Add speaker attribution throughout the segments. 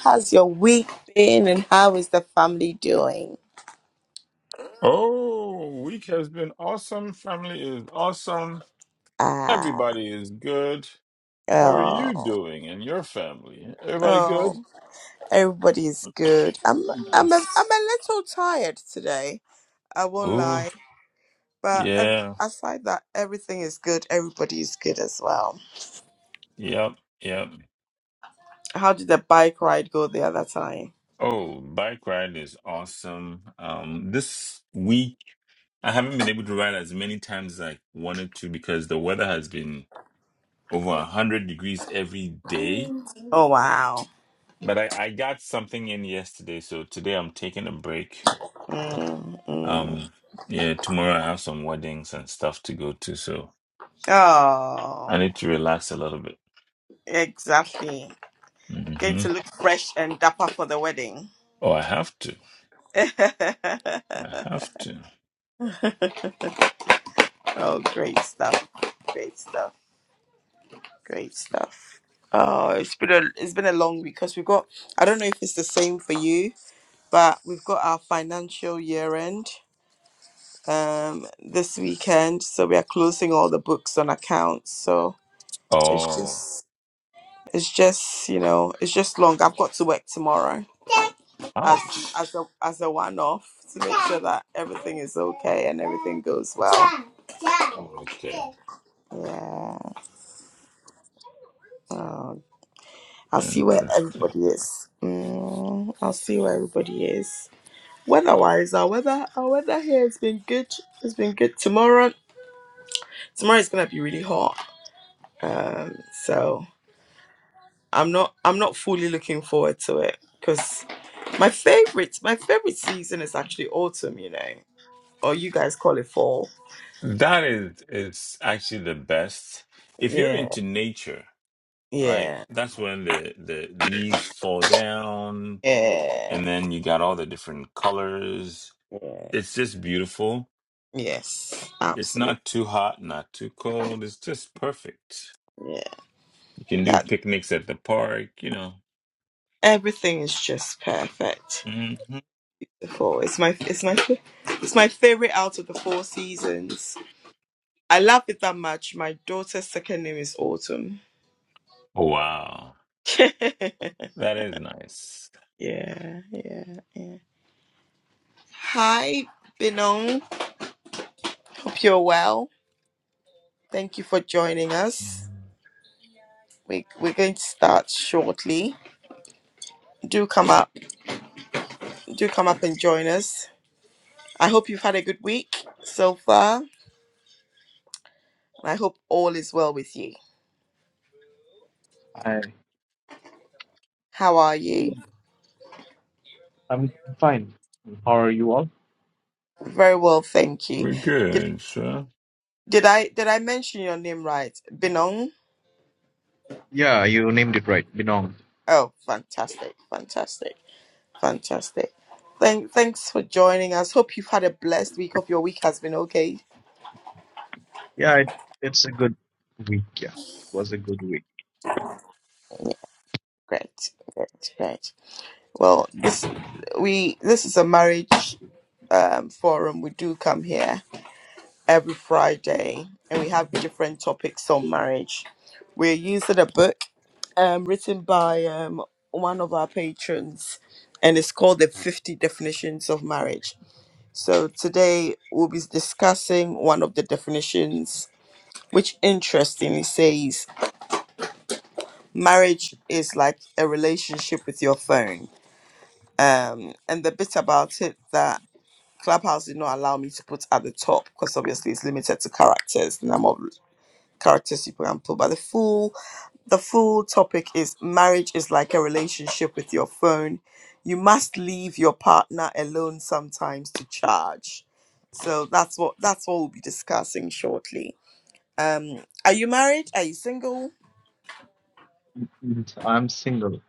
Speaker 1: How's your week been and how is the family doing?
Speaker 2: Oh, week has been awesome. Family is awesome.
Speaker 1: Ah,
Speaker 2: Everybody is good. How are you
Speaker 1: oh,
Speaker 2: doing and your family? Everybody good?
Speaker 1: oh, everybody's good. I'm, I'm, a,
Speaker 2: Nice.
Speaker 1: I'm a little tired today. I won't
Speaker 2: Oh,
Speaker 1: lie, but ev-
Speaker 2: yeah.
Speaker 1: aside that, everything is good. Everybody's good as well.
Speaker 2: Yep. Yep.
Speaker 1: How did the bike ride go the other time?
Speaker 2: Oh, bike ride is awesome. Um, this week I haven't been able to ride as many times as I wanted to because the weather has been over 100 degrees every day.
Speaker 1: Oh wow.
Speaker 2: But I, I got something in yesterday, so today I'm taking a break
Speaker 1: Mm, mm.
Speaker 2: Um, yeah, tomorrow I have some weddings and stuff to go to, so
Speaker 1: Oh,
Speaker 2: I need to relax a little bit.
Speaker 1: exactly. Going
Speaker 2: hmm
Speaker 1: to look fresh and dapper for the wedding.
Speaker 2: Oh, I have to. I have to.
Speaker 1: Oh, great stuff. Great stuff. Great stuff. Oh, it's been a it's been a long week because we've got I don't know if it's the same for you, but we've got our financial year end um this weekend, so we are closing all the books on accounts. So it's
Speaker 2: Oh,
Speaker 1: just it's just you know it's just long. I've got to work tomorrow as
Speaker 2: ouch.
Speaker 1: as a as a one off to make sure that everything is okay and everything goes well.
Speaker 2: Oh, okay.
Speaker 1: Yeah. Oh. I'll see where
Speaker 2: Interesting.
Speaker 1: everybody is. Mm, I'll see where everybody is. Weather wise, our weather our weather here has been good. It's been good. Tomorrow tomorrow is gonna be really hot. Um so I'm not I'm not fully looking forward to it because my favorite my favorite season is actually autumn, you know. Or you guys call it fall.
Speaker 2: That is is actually the best. If you're
Speaker 1: Yeah,
Speaker 2: into nature, right?
Speaker 1: yeah,
Speaker 2: That's when the the leaves fall down,
Speaker 1: yeah,
Speaker 2: and then you got all the different colors.
Speaker 1: yeah.
Speaker 2: It's just beautiful.
Speaker 1: Yes,
Speaker 2: It's
Speaker 1: absolutely.
Speaker 2: not too hot, not too cold. It's just perfect.
Speaker 1: Yeah.
Speaker 2: You can do
Speaker 1: That
Speaker 2: picnics at the park, you know.
Speaker 1: everything is just perfect
Speaker 2: hmm
Speaker 1: the four. It's my it's my it's my favorite out of the four seasons. I love it that much. My daughter's second name is Autumn.
Speaker 2: Wow,
Speaker 1: yeah,
Speaker 2: that is nice.
Speaker 1: yeah, yeah. Hi, Binong. Hope you're well. Thank you for joining us. We we're going to start shortly. Do come up, do come up and join us. I hope you've had a good week so far. I hope all is well with you.
Speaker 3: Hi.
Speaker 1: How are
Speaker 3: Yeah,
Speaker 1: you?
Speaker 3: I'm fine. How are you all?
Speaker 1: Very well, thank you.
Speaker 2: We're
Speaker 1: Did
Speaker 2: good, sure.
Speaker 1: Did I did I mention your name right? Binong?
Speaker 3: Yeah, you named it right. Binong.
Speaker 1: Oh, fantastic, fantastic, fantastic. Thank thanks for joining us. Hope you've had a blessed week. Hope your week has been okay.
Speaker 3: Yeah, it, it's a good week. Yeah, it was a good week.
Speaker 1: Great, great, great. Well, this we this is a marriage um, forum. We do come here every Friday, and we have different topics on marriage. We're using a book um, written by um, one of our patrons, and it's called the Fifty Definitions of Marriage So today we'll be discussing one of the definitions, which interestingly says marriage is like a relationship with your phone. Um, and the bit about it that Clubhouse did not allow me to put at the top because obviously it's limited to characters, the number of characters you can put by the full. the full topic is marriage is like a relationship with your phone. You must leave your partner alone sometimes to charge. So that's what that's what we'll be discussing shortly. Um are you married? Are you single?
Speaker 3: Mm, I'm single.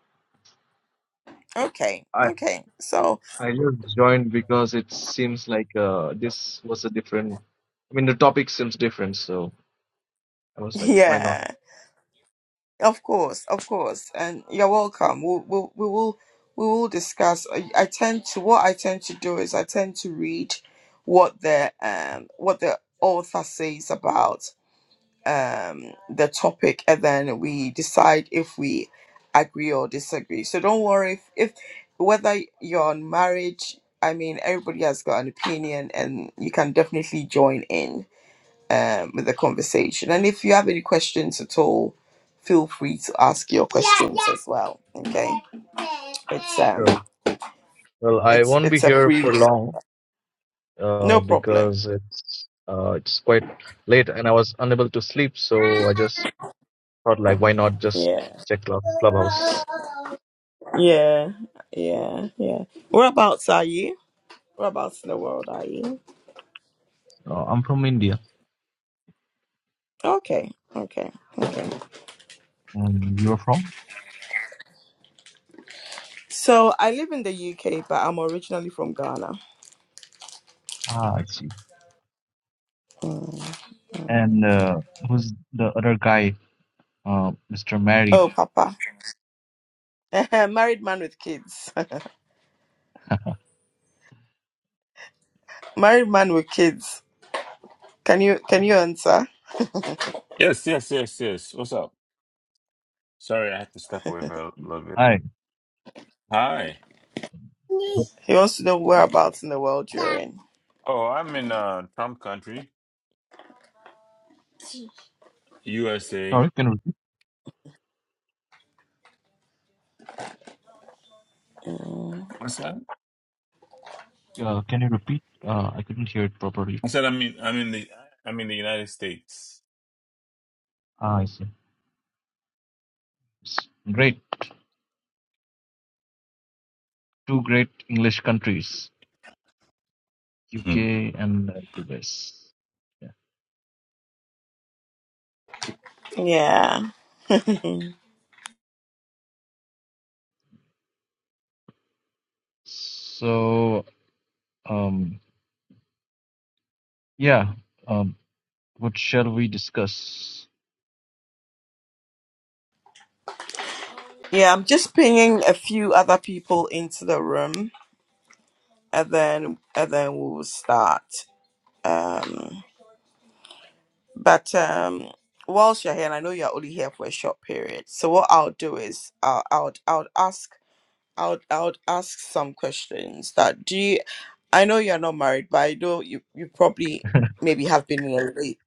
Speaker 1: Okay.
Speaker 3: I
Speaker 1: Okay. So
Speaker 3: I just joined because it seems like uh this was a different. I mean, the topic seems different, so I was like, why not?
Speaker 1: yeah, of course, of course. And you're welcome. We'll, we'll we will we will discuss. I, I tend to what I tend to do is I tend to read what the um what the author says about um, the topic and then we decide if we agree or disagree. So don't worry if, if whether you're on marriage, I mean, everybody has got an opinion and you can definitely join in um, with the conversation. And if you have any questions at all, feel free to ask your questions as well. Okay. It's um
Speaker 3: Sure. Well, I
Speaker 1: it's
Speaker 3: won't be
Speaker 1: it's a
Speaker 3: here
Speaker 1: free
Speaker 3: for
Speaker 1: room.
Speaker 3: long, uh,
Speaker 1: No problem.
Speaker 3: because it's uh, it's quite late and I was unable to sleep, so I just thought like, why not just
Speaker 1: Yeah.
Speaker 3: check club, Clubhouse
Speaker 1: Yeah. Yeah. Yeah. Whereabouts are you? Whereabouts in the world are you?
Speaker 3: Uh, I'm from India.
Speaker 1: Okay, okay, okay.
Speaker 3: Um, you are from?
Speaker 1: So I live in the UK, but I'm originally from Ghana.
Speaker 3: Ah, I see.
Speaker 1: Mm, mm.
Speaker 3: And uh, who's the other guy? Uh, Mr. Married.
Speaker 1: Oh, Papa, married man with kids. married man with kids. Can you can you answer?
Speaker 2: Yes, yes, yes, yes. What's up? Sorry, I had to step away for a little bit.
Speaker 3: Hi.
Speaker 2: Hi.
Speaker 3: Wh-
Speaker 1: He wants to know whereabouts in the world you're in.
Speaker 2: Oh, I'm in uh Trump country, USA.
Speaker 3: Sorry, can you repeat?
Speaker 1: Mm,
Speaker 2: What's that?
Speaker 3: Uh, can you repeat? Uh, I couldn't hear it properly.
Speaker 2: I said I'm in I'm in the I'm in the United States.
Speaker 3: Ah, I see. S- Great. Two great English countries,
Speaker 2: Mhm.
Speaker 3: UK and uh, US. Yeah.
Speaker 1: yeah,
Speaker 3: So, um, yeah. Um, what shall we discuss?
Speaker 1: yeah. I'm just pinging a few other people into the room, and then and then we'll start. Um. But um, whilst you're here, and I know you're only here for a short period, so what I'll do is I'll I'll, I'll ask I'll I'll ask some questions that do you I know you're not married, but I know you you probably maybe have been in a rela-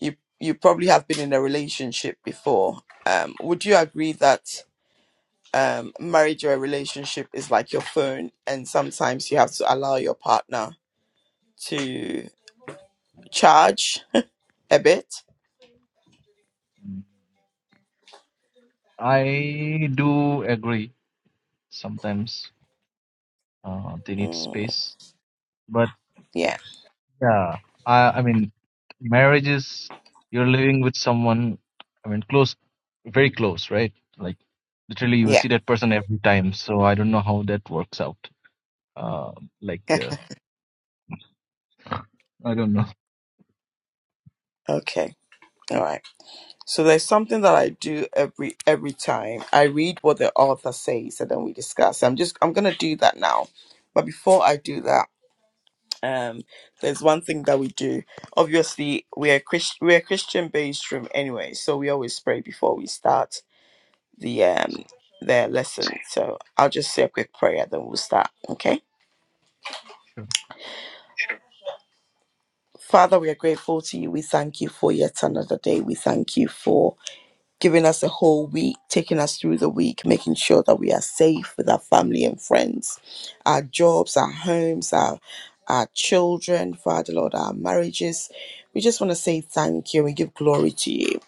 Speaker 1: you you probably have been in a relationship before. Um, would you agree that um marriage or a relationship is like your phone, and sometimes you have to allow your partner to charge a bit?
Speaker 3: I do agree sometimes Uh, they need
Speaker 1: Mm,
Speaker 3: space. But
Speaker 1: yeah,
Speaker 3: yeah, I, I mean, marriage is you're living with someone, I mean, close, very close, right? Like literally you will
Speaker 1: yeah.
Speaker 3: see that person every time. So I don't know how that works out. Uh, like, uh, I don't know.
Speaker 1: Okay. All right. So there's something that I do every every time. I read what the author says and then we discuss. I'm just I'm gonna do that now. But before I do that, um there's one thing that we do. Obviously we are Christ- we're a Christian based room anyway, so we always pray before we start the um their lesson. So I'll just say a quick prayer then we'll start. Okay.
Speaker 3: Sure.
Speaker 1: Father, we are grateful to you. We thank you for yet another day. We thank you for giving us a whole week, taking us through the week, making sure that we are safe with our family and friends, our jobs, our homes, our our children, Father Lord, our marriages. We just want to say thank you and we give glory to you.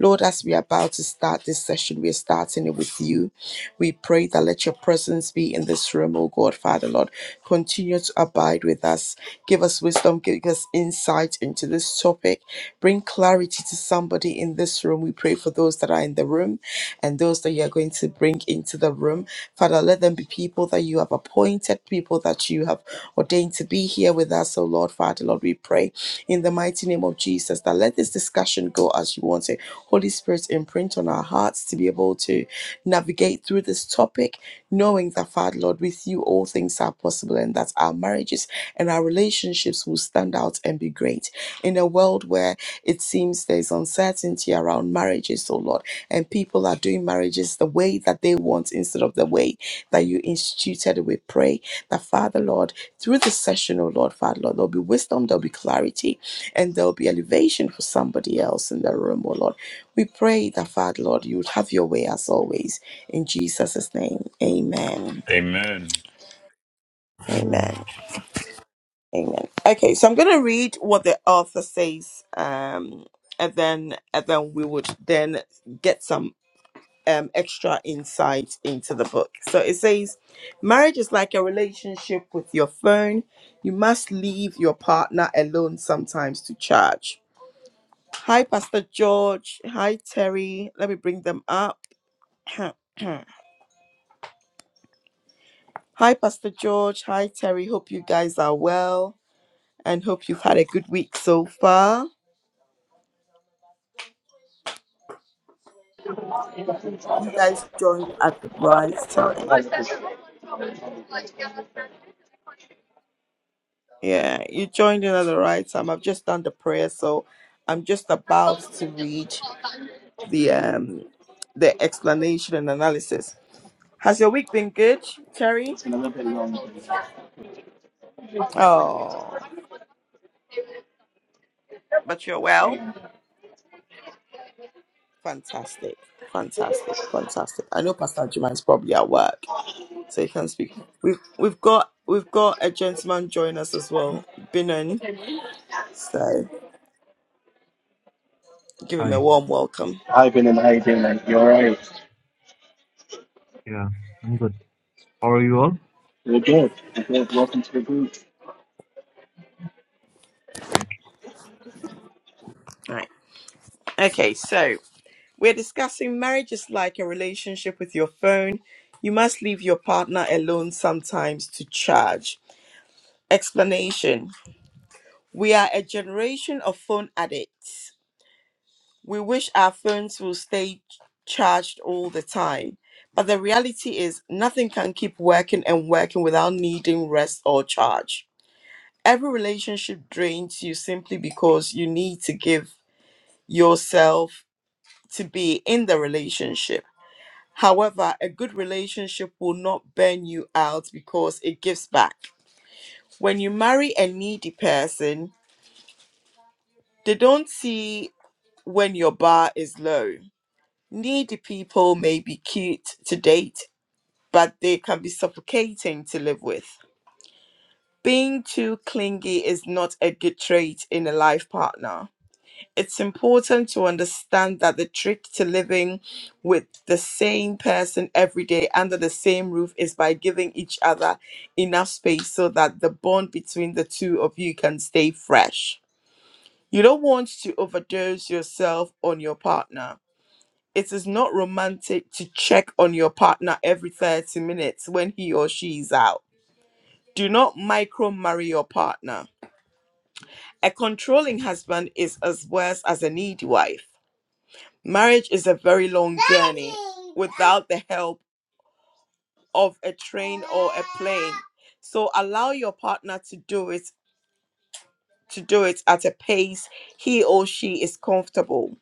Speaker 1: Lord, as we are about to start this session, we are starting it with you. We pray that let your presence be in this room, oh God, Father Lord. Continue to abide with us. Give us wisdom, give us insight into this topic Bring clarity to somebody in this room. We pray for those that are in the room and those that you are going to bring into the room. Father, let them be people that you have appointed, people that you have ordained to be here with us. So, Lord, Father, Lord, we pray in the mighty name of Jesus that let this discussion go as you want it. Holy Spirit, imprint on our hearts to be able to navigate through this topic, knowing that, Father, Lord, with you all things are possible and that our marriages and our relationships will stand out and be great. In a world where it seems there's uncertainty around marriages, oh Lord, and people are doing marriages the way that they want instead of the way that you instituted. We pray that, Father, Lord, through this session, oh Lord, Father, Lord, there'll be wisdom, there'll be clarity, and there'll be elevation for somebody else in the room, oh Lord. We pray that, Father, Lord, you would have your way as always. In Jesus' name, amen.
Speaker 2: Amen.
Speaker 3: Amen.
Speaker 1: Amen. Amen. Okay, so I'm going to read what the author says, um, and then and then we would then get some um, extra insight into the book. So it says, marriage is like a relationship with your phone. You must leave your partner alone sometimes to charge. Hi, Pastor George. Hi, Terry. Let me bring them up. Hi, Pastor George. Hi, Terry. Hope you guys are well and hope you've had a good week so far. You guys joined at the right time.
Speaker 4: Hi,
Speaker 1: Yeah, you joined in at the right time. I've just done the prayer, so I'm just about to read the um the explanation and analysis. Has your week been good, Terry?
Speaker 4: It's been a little bit long. day.
Speaker 1: Oh, but you're
Speaker 4: Hi,
Speaker 1: well. Fantastic, fantastic, fantastic. I know Pastor Juma is probably at work, so he can speak. We've we've got we've got a gentleman join us as well, Binon. So give him a
Speaker 3: Hi.
Speaker 1: warm welcome.
Speaker 4: Bennett. How you doing, man? You right. right?
Speaker 3: Yeah, I'm good. How are you all?
Speaker 4: We're good. We're good. Welcome to the group.
Speaker 3: Thank
Speaker 1: Right. Okay. So We're discussing marriage is like a relationship with your phone. You must leave your partner alone sometimes to charge. Explanation We are a generation of phone addicts. We wish our phones will stay charged all the time. But the reality is, nothing can keep working and working without needing rest or charge. Every relationship drains you simply because you need to give yourself to be in the relationship However, a good relationship will not burn you out because it gives back. When you marry a needy person, they don't see when your bar is low. Needy people may be cute to date, but they can be suffocating to live with. Being too clingy is not a good trait in a life partner it's important to understand that the trick to living with the same person every day under the same roof is by giving each other enough space so that the bond between the two of you can stay fresh. You don't want to overdose yourself on your partner. It is not romantic to check on your partner every 30 minutes when he or she is out. Do not micro marry your partner. A controlling husband is as worse as a needy wife. Marriage is a very long journey without the help of a train or a plane. So allow your partner to do it to do it at a pace he or she is comfortable.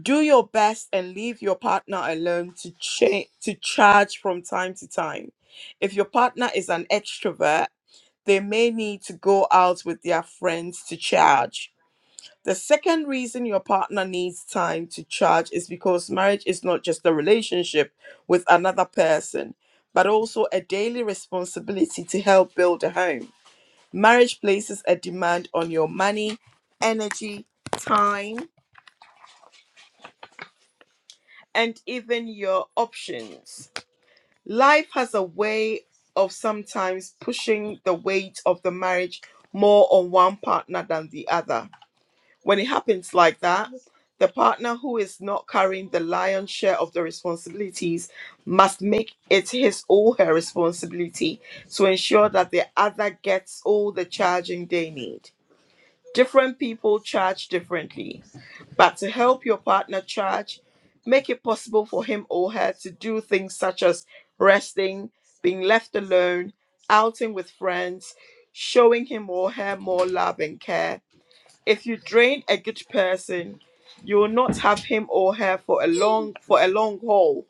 Speaker 1: Do your best and leave your partner alone to cha- to charge from time to time. If your partner is an extrovert, they may need to go out with their friends to charge The second reason your partner needs time to charge is because marriage is not just a relationship with another person, but also a daily responsibility to help build a home. Marriage places a demand on your money, energy, time, and even your options. Life has a way of sometimes pushing the weight of the marriage more on one partner than the other. When it happens like that, the partner who is not carrying the lion's share of the responsibilities must make it his or her responsibility to ensure that the other gets all the charging they need. Different people charge differently, but to help your partner charge, make it possible for him or her to do things such as resting, being left alone, outing with friends, showing him or her more love and care, if you drain a good person, you will not have him or her for a long for a long haul.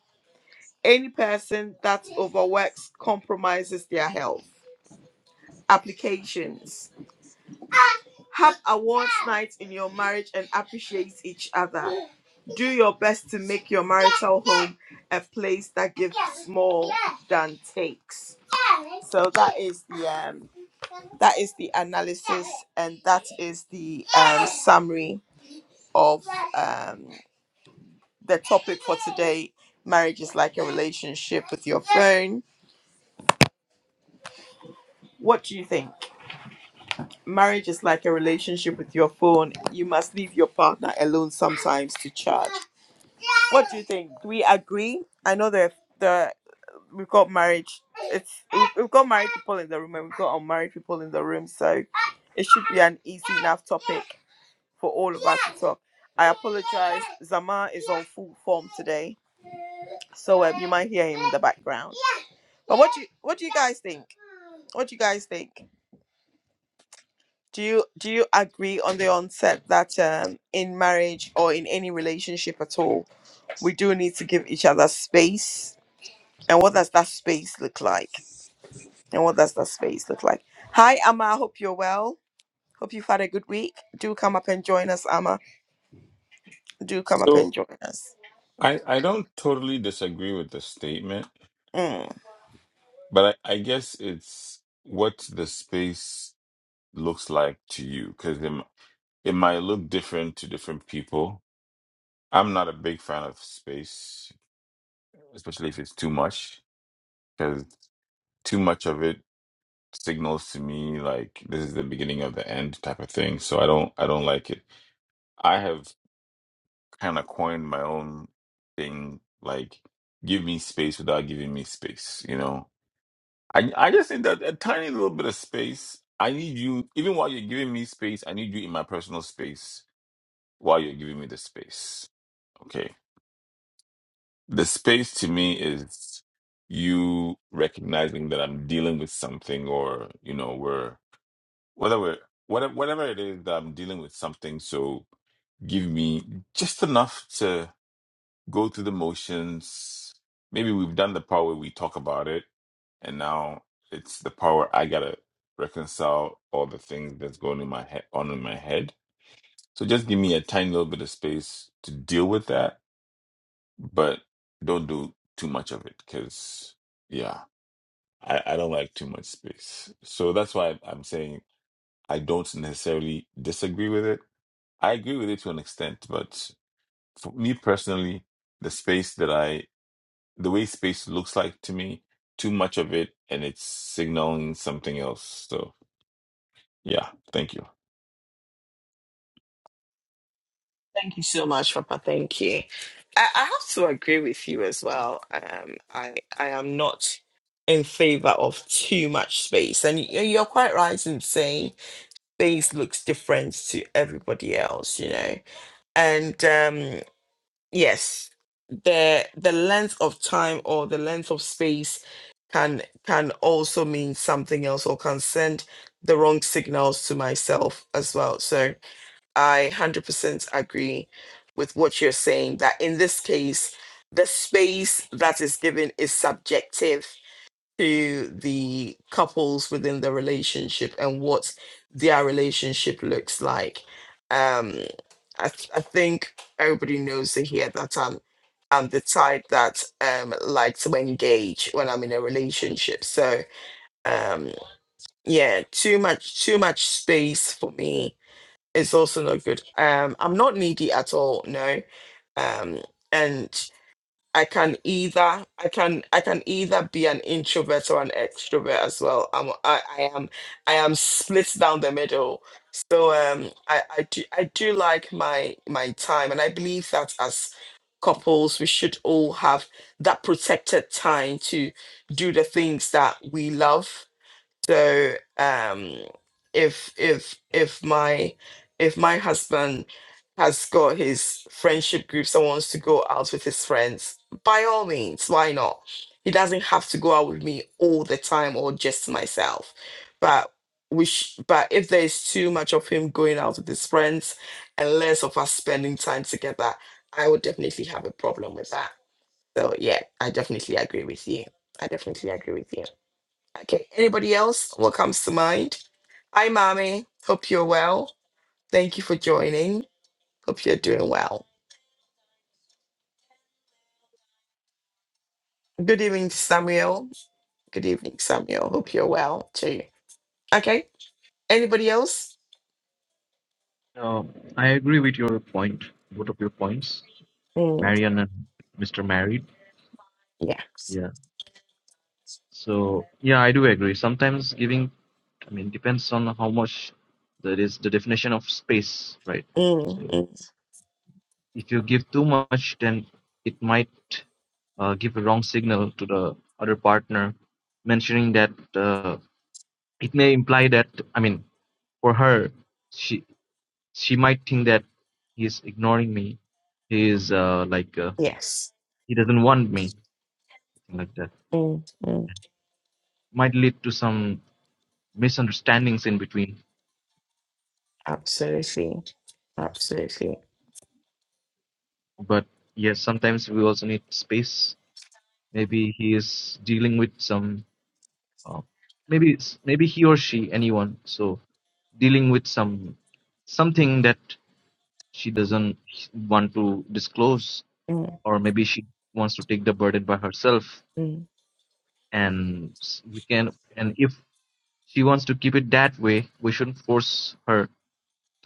Speaker 1: Any person that overworks compromises their health. Applications. Have awards night in your marriage and appreciate each other. Do your best to make your marital home a place that gives more than takes. So that is the um, that is the analysis and that is the um, summary of um, the topic for today marriage is like a relationship with your phone what do you think marriage is like a relationship with your phone you must leave your partner alone sometimes to charge what do you think do we agree i know that the we've got marriage it's we've we've got married people in the room and we've got unmarried people in the room so it should be an easy enough topic for all of us to talk i apologize zama is on full form today So um, you might hear him in the background. But what do you, what do you guys think? What do you guys think? Do you do you agree on the onset that um, in marriage or in any relationship at all, we do need to give each other space? And what does that space look like? And what does that space look like? Hi, Amma. I hope you're well. Hope you've had a good week. Do come up and join us, Amma. Do come up and
Speaker 2: So
Speaker 1: join us.
Speaker 2: I I don't totally disagree with the statement,
Speaker 1: Mm.
Speaker 2: but I, I guess it's what's the space looks like to you because it, m- it might look different to different people. I'm not a big fan of space, especially if it's too much, because too much of it signals to me like this is the beginning of the end type of thing. So I don't I don't like it. I have kind of coined my own thing like give me space without giving me space, you know. I I just need that a tiny little bit of space. I need you even while you're giving me space, I need you in my personal space while you're giving me the space. Okay. The space to me is you recognizing that I'm dealing with something or, you know, we're whether we're whatever whatever it is that I'm dealing with something, so give me just enough to go through the motions. Maybe we've done the part where we talk about it and now it's the part where I gotta reconcile all the things that's going in my head on in my head. So just give me a tiny little bit of space to deal with that but don't do too much of it because yeah I, I don't like too much space so that's why i'm saying i don't necessarily disagree with it i agree with it to an extent but for me personally the space that i the way space looks like to me too much of it and it's signaling something else so yeah thank you
Speaker 1: Thank you so much, Papa. Thank you. I, I have to agree with you as well. Um, I I am not in favor of too much space, and y- you're quite right in saying space looks different to everybody else, you know. And um, yes, the the length of time or the length of space can can also mean something else or can send the wrong signals to myself as well. So I 100% agree with what you're saying that in this case, the space that is given is subjective to the couples within the relationship and what their relationship looks like. Um, I, th- I think everybody knows here that I'm, I'm the type that um, like to engage when I'm in a relationship. So um, yeah, too much too much space for me it's also not good. Um, I'm not needy at all, no. Um, and I can either I can I can either be an introvert or an extrovert as well. I'm I, I am I am split down the middle. So um I, I do I do like my my time and I believe that as couples we should all have that protected time to do the things that we love so um, if if if my if my husband has got his friendship groups and wants to go out with his friends, by all means, why not? He doesn't have to go out with me all the time or just myself. But we sh- but if there's too much of him going out with his friends and less of us spending time together, I would definitely have a problem with that. So yeah, I definitely agree with you. I definitely agree with you. Okay. Anybody else? What comes to mind? Hi, Mommy. Hope you're well. Thank you for joining. Hope you're doing well. Good evening, Samuel. Good evening, Samuel. Hope you're well too. Okay. Anybody else?
Speaker 3: you. Uh, I agree with your point, both of your points,
Speaker 1: Mm,
Speaker 3: Marian and Mr. Married.
Speaker 1: yes.
Speaker 3: Yeah. So, yeah, I do agree. Sometimes giving I mean, depends on how much there is the definition of space, right?
Speaker 1: Mm,
Speaker 3: So
Speaker 1: mm,
Speaker 3: if you give too much, then it might uh, give a wrong signal to the other partner, mentioning that uh, it may imply that I mean, for her, she she might think that he's ignoring me, he is uh, like uh,
Speaker 1: yes.
Speaker 3: he doesn't want me, like that.
Speaker 1: Mm, mm,
Speaker 3: Might lead to some misunderstandings in between.
Speaker 1: absolutely. Absolutely.
Speaker 3: But yes, sometimes we also need space Maybe he is dealing with some. Uh, maybe it's, maybe he or she, anyone. So dealing with some something that she doesn't want to disclose,
Speaker 1: Mm,
Speaker 3: or maybe she wants to take the burden by herself.
Speaker 1: mm.
Speaker 3: And s- we can, and if she wants to keep it that way, we shouldn't force her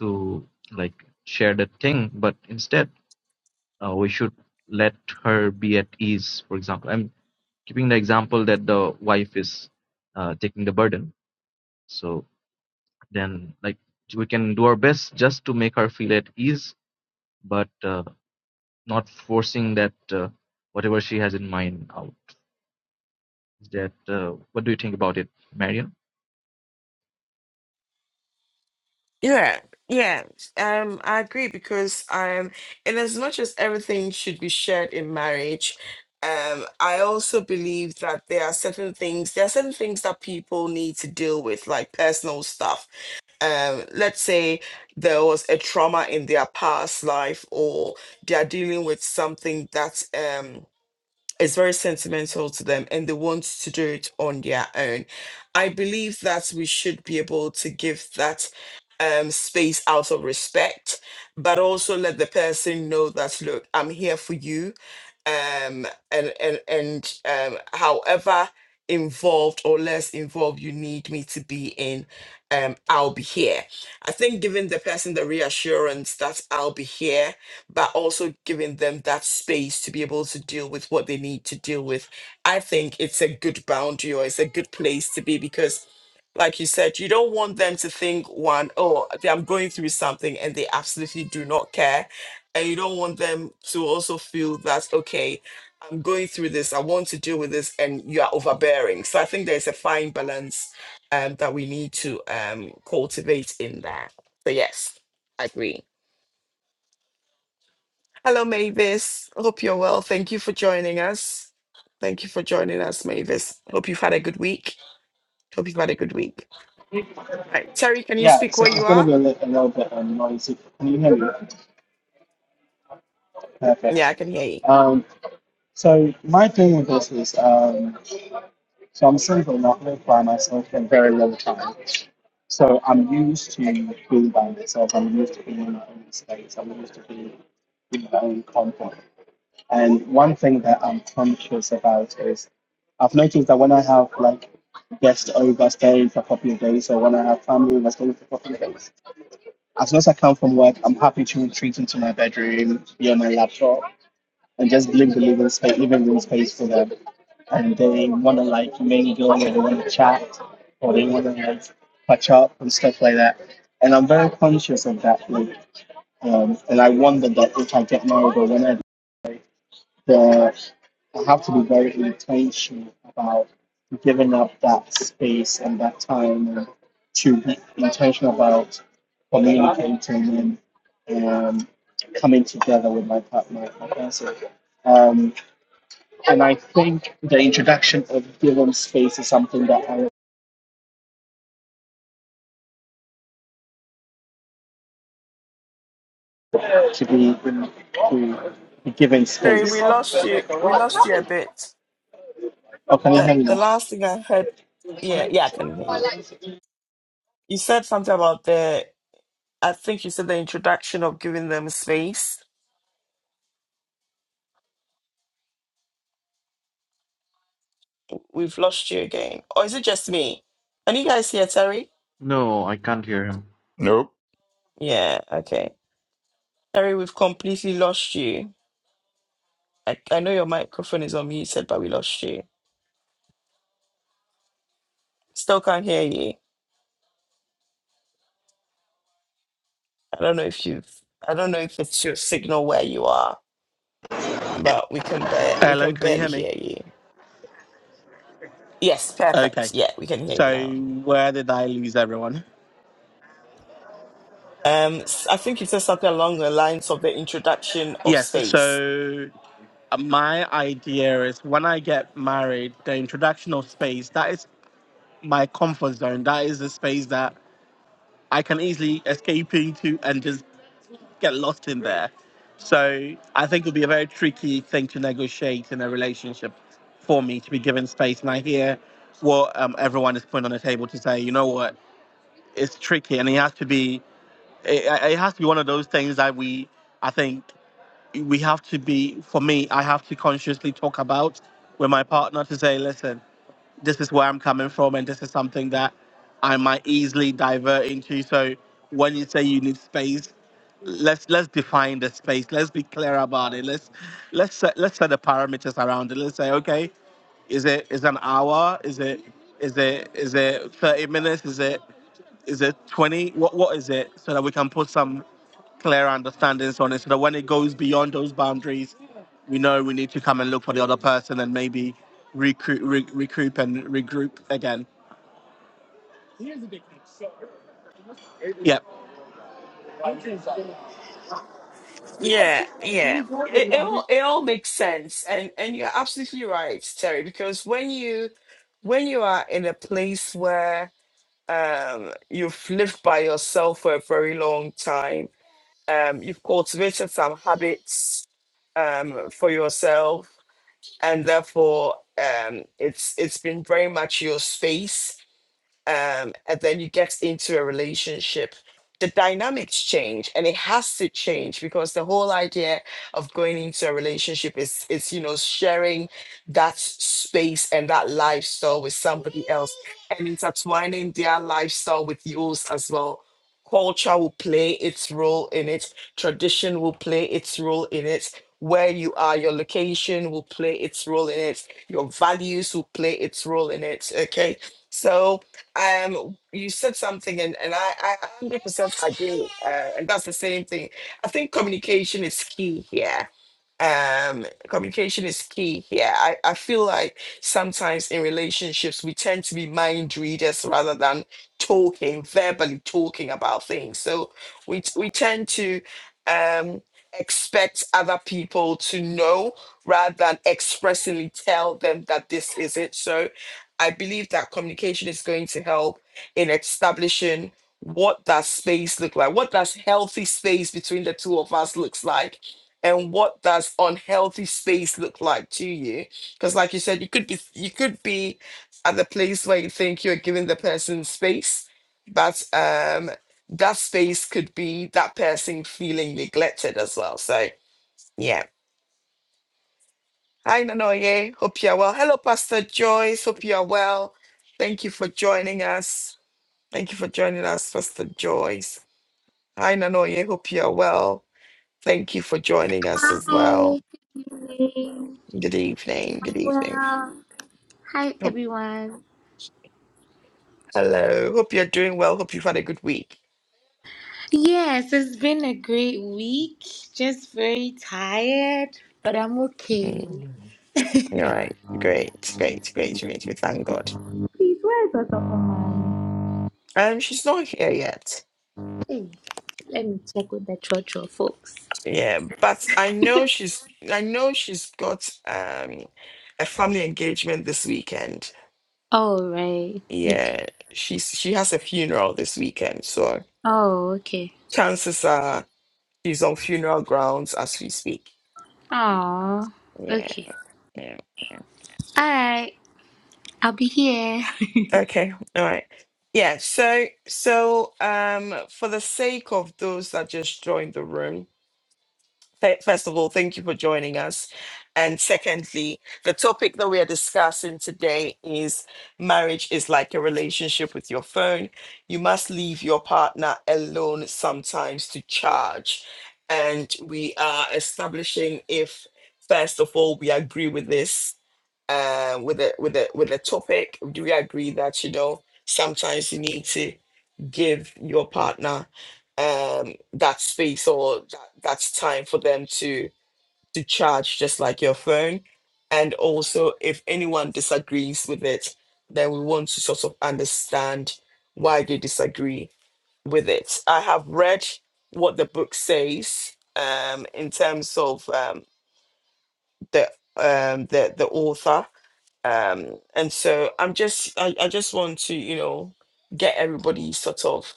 Speaker 3: to like share that thing. But instead, uh, we should let her be at ease. For example, I'm keeping the example that the wife is uh, taking the burden So then, like, we can do our best just to make her feel at ease, but uh, not forcing that uh, whatever she has in mind out. Is That uh, what do you think about it, Marion?
Speaker 1: Yeah, yeah, um, I agree because um, in as much as everything should be shared in marriage, um, I also believe that there are certain things, there are certain things that people need to deal with, like personal stuff. Um, let's say there was a trauma in their past life, or they are dealing with something that um it's very sentimental to them and they want to do it on their own. I believe that we should be able to give that um, space out of respect, but also let the person know that, look, I'm here for you. Um, and and, and um, however involved or less involved you need me to be in, um, I'll be here. I think giving the person the reassurance that I'll be here but also giving them that space to be able to deal with what they need to deal with. I think it's a good boundary or it's a good place to be because, like you said, you don't want them to think, one, oh, they- I'm going through something and they absolutely do not care. And you don't want them to also feel that, okay, I'm going through this, I want to deal with this, and you are overbearing. So I think there's a fine balance um, that we need to um, cultivate in that. So, yes, I agree. Hello, Mavis. Hope you're well. Thank you for joining us. Thank you for joining us, Mavis. Hope you've had a good week. Hope you've had a good week. All right, Terry, can you
Speaker 4: Yeah,
Speaker 1: speak
Speaker 4: it's,
Speaker 1: where
Speaker 4: it's
Speaker 1: you
Speaker 4: going to
Speaker 1: are?
Speaker 4: be a little, a little bit um, noisy. Can you hear me?
Speaker 1: Yeah,
Speaker 4: Perfect.
Speaker 1: I can hear you.
Speaker 4: Um, so my thing with this is, um, so I'm single, not lived by myself for a very long time. So I'm used to being by myself. I'm used to being in my own space. I'm used to being in my own comfort. And one thing that I'm conscious about is I've noticed that when I have like guests over staying for a couple of days, or when I have family over staying for a couple of days, as soon as I come from work, I'm happy to retreat into my bedroom, be on my laptop, and just leave the living space, living room space for them. And they want to like mingle, or they want to chat, or they want to like catch up and stuff like that. And I'm very conscious of that. Like, um, and I wonder that if I get married or when I the I have to be very intentional about giving up that space and that time and to be intentional about communicating and um, coming together with my partner, my person. Um, and I think the introduction of giving space is something that I want to be in to be given
Speaker 1: Terry,
Speaker 4: space.
Speaker 1: we lost you. We
Speaker 4: Oh,
Speaker 1: lost you a bit.
Speaker 4: can you
Speaker 1: The
Speaker 4: hear me
Speaker 1: the
Speaker 4: now?
Speaker 1: last thing I heard, yeah, yeah, I can hear you. You said something about the. I think you said the introduction of giving them space. We've lost you again, or is it just me? Are you guys here, Terry?
Speaker 3: No, I can't hear him.
Speaker 2: Nope.
Speaker 1: Yeah. Okay. Terry, we've completely lost you. I, I know your microphone is unmuted, but we lost you. Still can't hear you. I don't know if you've. I don't know if it's your signal where you are, but we can ba- we can barely hear you. Yes, perfect. Yeah, we can hear you now.
Speaker 4: one.
Speaker 1: Um, s- I think you said something along the lines of the introduction of space.
Speaker 4: It's my comfort zone. That is the space that I can easily escape into and just get lost in there. So I think it'll be a very tricky thing to negotiate in a relationship for me to be given space. And I hear what um, everyone is putting on the table to say, you know what, it's tricky, and it has to be. It, it has to be one of those things that we, I think, we have to be. For me, I have to consciously talk about with my partner to say, listen this is where I'm coming from, and this is something that I might easily divert into. So when you say you need space, let's let's define the space. Let's be clear about it. Let's let's set, let's set the parameters around it. Let's say, okay, is it is it an hour? Is it is it is it 30 minutes? Is it is it 20? What what is it? So that we can put some clear understandings on it so that when it goes beyond those boundaries, we know we need to come and look for the other person and maybe recruit, re- recoup and regroup again. Yeah,
Speaker 1: Yeah, yeah. It, it all it all makes sense, and and you're absolutely right, Terry. Because when you when you are in a place where um, you've lived by yourself for a very long time. Um, you've cultivated some habits um, for yourself, and therefore, um, it's it's been very much your space um, and then you get into a relationship, the dynamics change, and it has to change because the whole idea of going into a relationship is is you know sharing that space and that lifestyle with somebody else and intertwining their lifestyle with yours as well. Culture will play its role in it. Tradition will play its role in it. Where you are, your location will play its role in it. Your values will play its role in it. Okay. So, um you said something and and i i 100 percent agree uh, and that's the same thing i think communication is key here um communication is key here I, I feel like sometimes in relationships we tend to be mind readers rather than talking verbally talking about things so we t- we tend to um expect other people to know rather than expressly tell them that this is it so i believe that communication is going to help in establishing what that space look like what does healthy space between the two of us looks like and what does unhealthy space look like to you because like you said you could be you could be at the place where you think you're giving the person space but um that space could be that person feeling neglected as well so yeah hi nanoye hope you're well hello pastor joyce hope you are well thank you for joining us thank you for joining us pastor joyce hi nanoye hope you are well thank you for joining us as
Speaker 5: Hi,
Speaker 1: well
Speaker 5: good evening.
Speaker 1: good evening
Speaker 5: I'm
Speaker 1: good evening
Speaker 5: well. Hi,
Speaker 1: Oh,
Speaker 5: everyone.
Speaker 1: hello. Hope you're doing well. Hope you've had a good week.
Speaker 5: Yes, it's been a great week. Just very tired, but I'm okay.
Speaker 1: Mm. All right. Great. Great. Great. Great. We thank God.
Speaker 5: Please, where is Otokoman?
Speaker 1: Um, she's not here yet.
Speaker 5: Hey, let me check with the Chocho folks.
Speaker 1: Yeah, but I know she's. I know she's got um a family engagement this weekend.
Speaker 5: Oh, right. Okay.
Speaker 1: Yeah, she's she has a funeral this weekend, so
Speaker 5: Oh, okay.
Speaker 1: chances are she's on funeral grounds as we speak.
Speaker 5: Oh,
Speaker 1: Yeah.
Speaker 5: okay.
Speaker 1: Yeah. Yeah.
Speaker 5: All right. I'll be here.
Speaker 1: Okay, all right. Yeah, so so um for the sake of those that just joined the room, th- first of all, thank you for joining us. And secondly, the topic that we are discussing today is marriage is like a relationship with your phone. You must leave your partner alone sometimes to charge. And we are establishing if, first of all, we agree with this uh, with the with the with the topic. Do we agree that you know sometimes you need to give your partner um that space or that, that's time for them to to charge just like your phone and also if anyone disagrees with it then we want to sort of understand why they disagree with it i have read what the book says um in terms of um the um the the author um and so i'm just I, I just want to you know get everybody sort of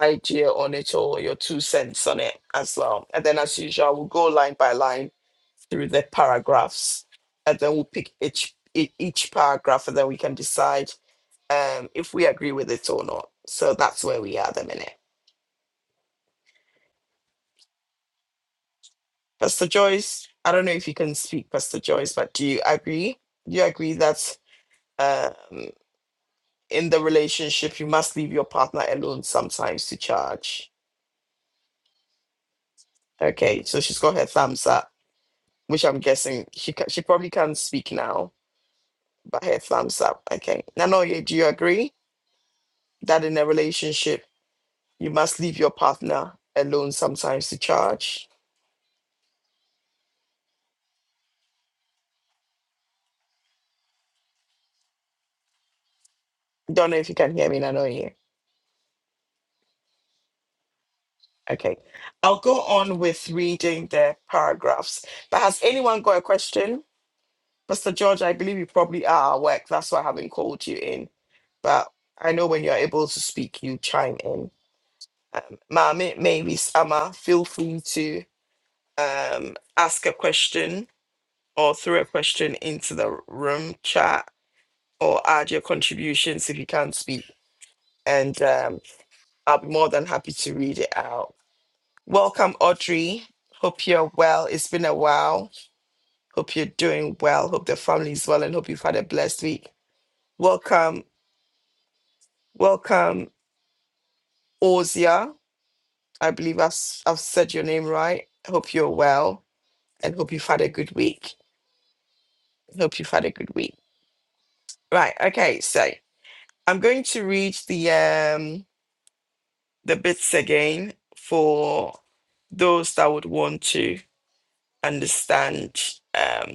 Speaker 1: idea on it or your two cents on it as well and then as usual we'll go line by line through the paragraphs and then we'll pick each e- each paragraph and then we can decide um if we agree with it or not so that's where we are at the minute pastor joyce i don't know if you can speak pastor joyce but do you agree do you agree that um. in the relationship, you must leave your partner alone sometimes to charge. Okay, so she's got her thumbs up, which I'm guessing she ca- she probably can't speak now, but her thumbs up. Okay, Nanoye, do you agree that in a relationship you must leave your partner alone sometimes to charge? Don't know if you can hear me, Nanoye. Okay, I'll go on with reading the paragraphs. But has anyone got a question? Mr. George, I believe you probably are at work. That's why I haven't called you in. But I know when you're able to speak, you chime in. Um, Mami, maybe Sama, feel free to um, ask a question or throw a question into the room chat or add your contributions if you can't speak. And um, I'll be more than happy to read it out. Welcome, Audrey. Hope you're well. It's been a while. Hope you're doing well. Hope the family's well and hope you've had a blessed week. Welcome, Welcome, Ozia. I believe I've, s- I've said your name right. I Hope you're well and hope you've had a good week. Hope you've had a good week. Right. Okay. So I'm going to read the um the bits again for those that would want to understand um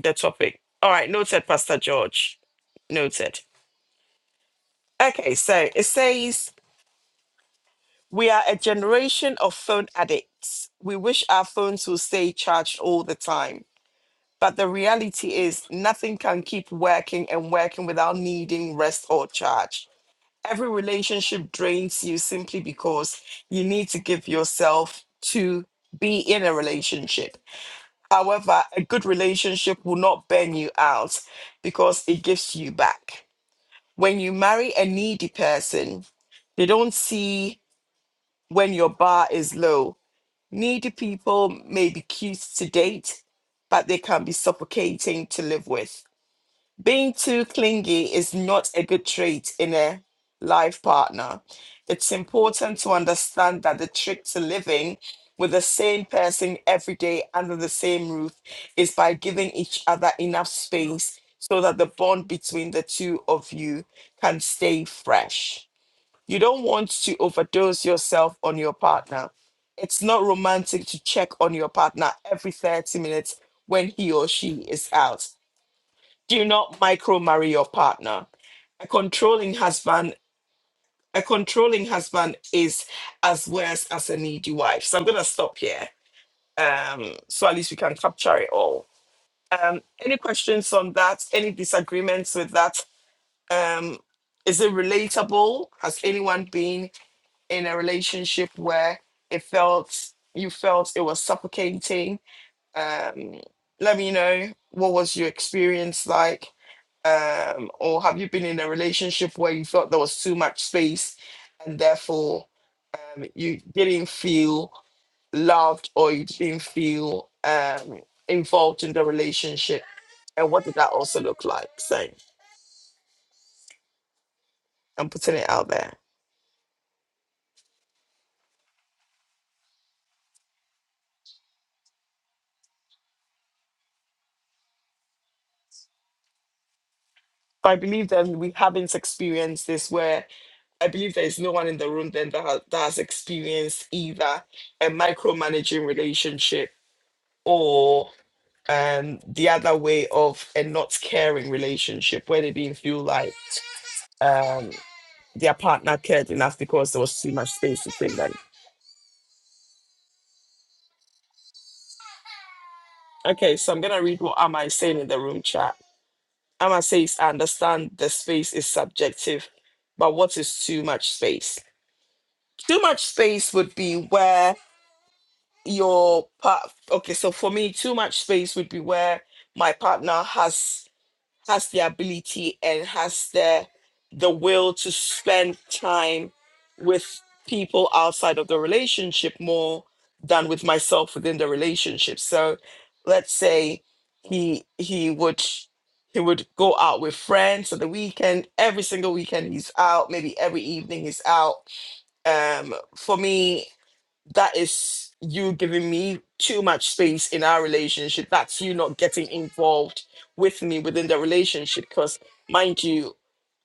Speaker 1: the topic. All right. Noted, Pastor George. Noted. Okay. So it says we are a generation of phone addicts. We wish our phones will stay charged all the time But the reality is, nothing can keep working and working without needing rest or charge. Every relationship drains you simply because you need to give yourself to be in a relationship. However, a good relationship will not burn you out because it gives you back. When you marry a needy person, they don't see when your bar is low. Needy people may be cute to date, but they can be suffocating to live with Being too clingy is not a good trait in a life partner. It's important to understand that the trick to living with the same person every day under the same roof is by giving each other enough space so that the bond between the two of you can stay fresh. You don't want to overdose yourself on your partner. It's not romantic to check on your partner every 30 minutes when he or she is out do not micro marry your partner. A controlling husband, a controlling husband is as worse as a needy wife. So I'm gonna stop here. Um, so at least we can capture it all. Um, any questions on that? Any disagreements with that? Um, is it relatable? Has anyone been in a relationship where it felt you felt it was suffocating? Um, let me know what was your experience like um, or have you been in a relationship where you felt there was too much space and therefore um, you didn't feel loved or you didn't feel um, involved in the relationship? And what did that also look like? So I'm putting it out there. So I believe then we haven't experienced this where I believe there is no one in the room then that has, that has experienced either a micromanaging relationship or. And the other way of a not caring relationship where they didn't feel like um their partner cared enough because there was too much space between them. Okay, so I'm gonna read what Amma is saying in the room chat. Amma says, I understand the space is subjective, but what is too much space? Too much space would be where your part okay, so for me, too much space would be where my partner has has the ability and has the the will to spend time with people outside of the relationship more than with myself within the relationship so let's say he he would he would go out with friends on the weekend every single weekend he's out maybe every evening he's out um for me that is you giving me too much space in our relationship. That's you not getting involved with me within the relationship. Because, mind you,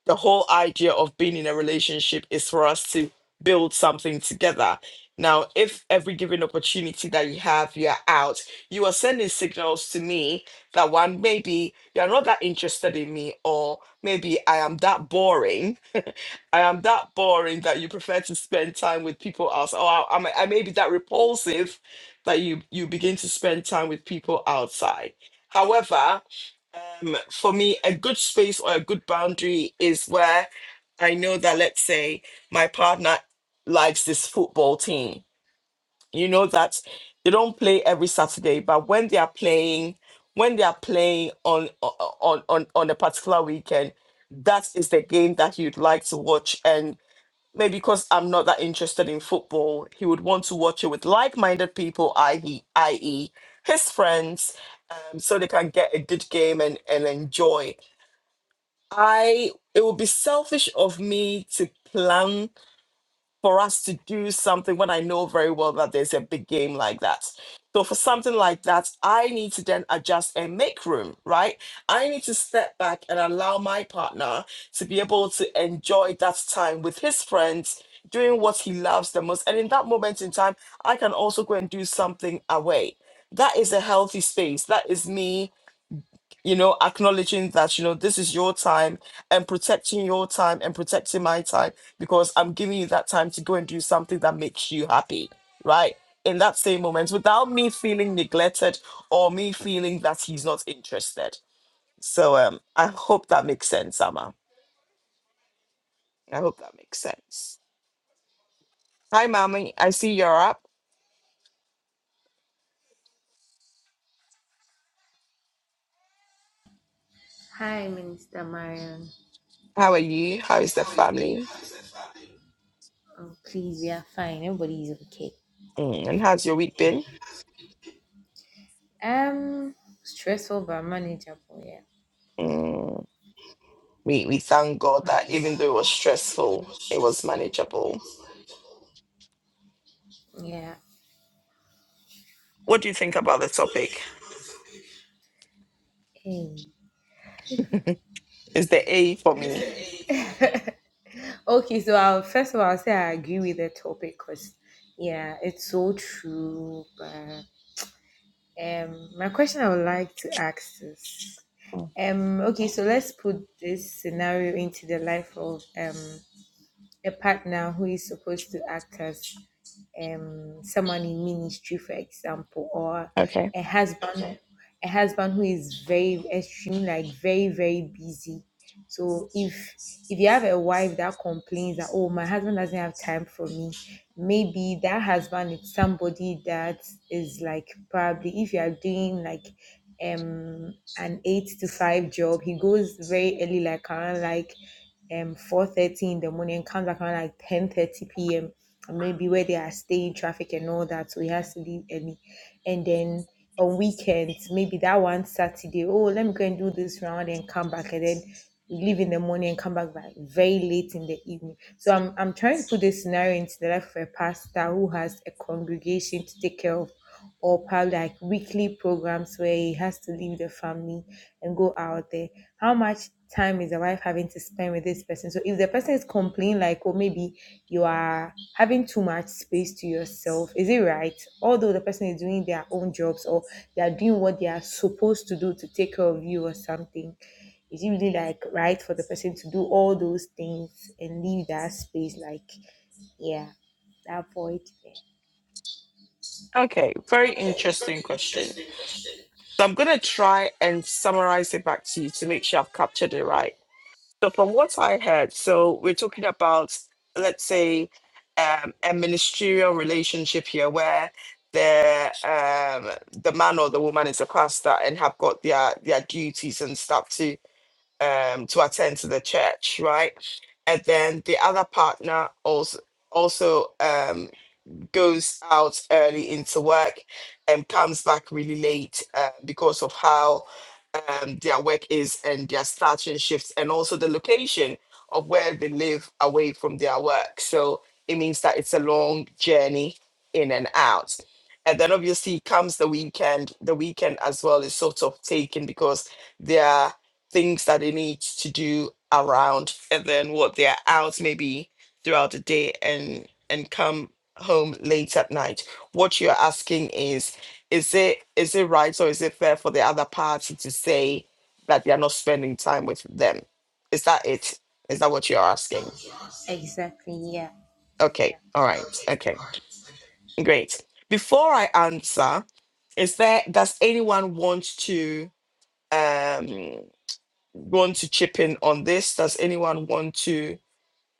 Speaker 1: the whole idea of being in a relationship is for us to build something together. Now, if every given opportunity that you have, you're out, you are sending signals to me that one, maybe you're not that interested in me, or maybe I am that boring. I am that boring that you prefer to spend time with people else, or I, I'm- I may be that repulsive that you you begin to spend time with people outside. However, um, for me, a good space or a good boundary is where I know that, let's say, my partner likes this football team. You know that they don't play every Saturday, but when they are playing, when they are playing on on on on a particular weekend, that is the game that you'd like to watch. And maybe because I'm not that interested in football, he would want to watch it with like-minded people, i.e., i.e., his friends, um, so they can get a good game and and enjoy. I it would be selfish of me to plan for us to do something when I know very well that there's a big game like that. So for something like that, I need to then adjust and make room, right? I need to step back and allow my partner to be able to enjoy that time with his friends, doing what he loves the most. And in that moment in time, I can also go and do something away. That is a healthy space. That is me you know, acknowledging that, you know, this is your time and protecting your time and protecting my time because I'm giving you that time to go and do something that makes you happy, right? In that same moment without me feeling neglected or me feeling that he's not interested. So um I hope that makes sense, Amma. I hope that makes sense. Hi mommy, I see you're up.
Speaker 6: Hi, Minister Marion.
Speaker 1: How are you? How is the family?
Speaker 6: Oh, please, we are fine. Everybody's okay.
Speaker 1: Mm, and how's your week been?
Speaker 6: Um, stressful but manageable. Yeah,
Speaker 1: Mm, we we thank God that even though it was stressful, it was manageable
Speaker 6: yeah.
Speaker 1: What do you think about the topic?
Speaker 6: Hey.
Speaker 1: Is the A for me?
Speaker 6: Okay, so I'll first of all I'll say I agree with the topic because yeah, it's so true. But um, my question I would like to ask is um, okay, so let's put this scenario into the life of um a partner who is supposed to act as um, someone in ministry, for example, or
Speaker 1: Okay.
Speaker 6: a husband, a husband who is very extremely like very very busy. So if if you have a wife that complains that oh my husband doesn't have time for me, maybe that husband is somebody that is like probably if you are doing like um an eight to five job, he goes very early like around like um 4 30 in the morning comes back around like ten thirty p.m and maybe where they are staying traffic and all that so he has to leave early and then on weekends maybe that one saturday oh let me go and do this round and come back and then leave in the morning and come back by very late in the evening so i'm, I'm trying to put this scenario into the life of a pastor who has a congregation to take care of or probably like weekly programs where he has to leave the family and go out there how much time is the wife having to spend with this person so if the person is complaining like oh maybe you are having too much space to yourself. Is it right? Although the person is doing their own jobs or they are doing what they are supposed to do to take care of you or something, is it really like right for the person to do all those things and leave that space? Like, yeah, that void there.
Speaker 1: Okay. Very
Speaker 6: Okay,
Speaker 1: interesting
Speaker 6: very
Speaker 1: question.
Speaker 6: interesting question.
Speaker 1: So I'm going to try and summarize it back to you to make sure I've captured it right. So, from what I heard, so we're talking about, let's say, um, a ministerial relationship here where the um, the man or the woman is a pastor and have got their their duties and stuff to. um, to attend to the church, right? And then the other partner also also um, goes out early into work and comes back really late uh, because of how um, their work is and their starting shifts and also the location of where they live away from their work. So it means that it's a long journey in and out. And then obviously comes the weekend. The weekend as well is sort of taken because there are things that they need to do around and then what they're out maybe throughout the day and and come home late at night what you're asking is is it is it right or is it fair for the other party to say that they're not spending time with them is that it is that what you're asking
Speaker 6: Exactly. Yeah. Yeah.
Speaker 1: okay all right
Speaker 6: Okay,
Speaker 1: okay
Speaker 6: all right. Okay.
Speaker 1: great before i answer is there does anyone want to um want to chip in on this does anyone want to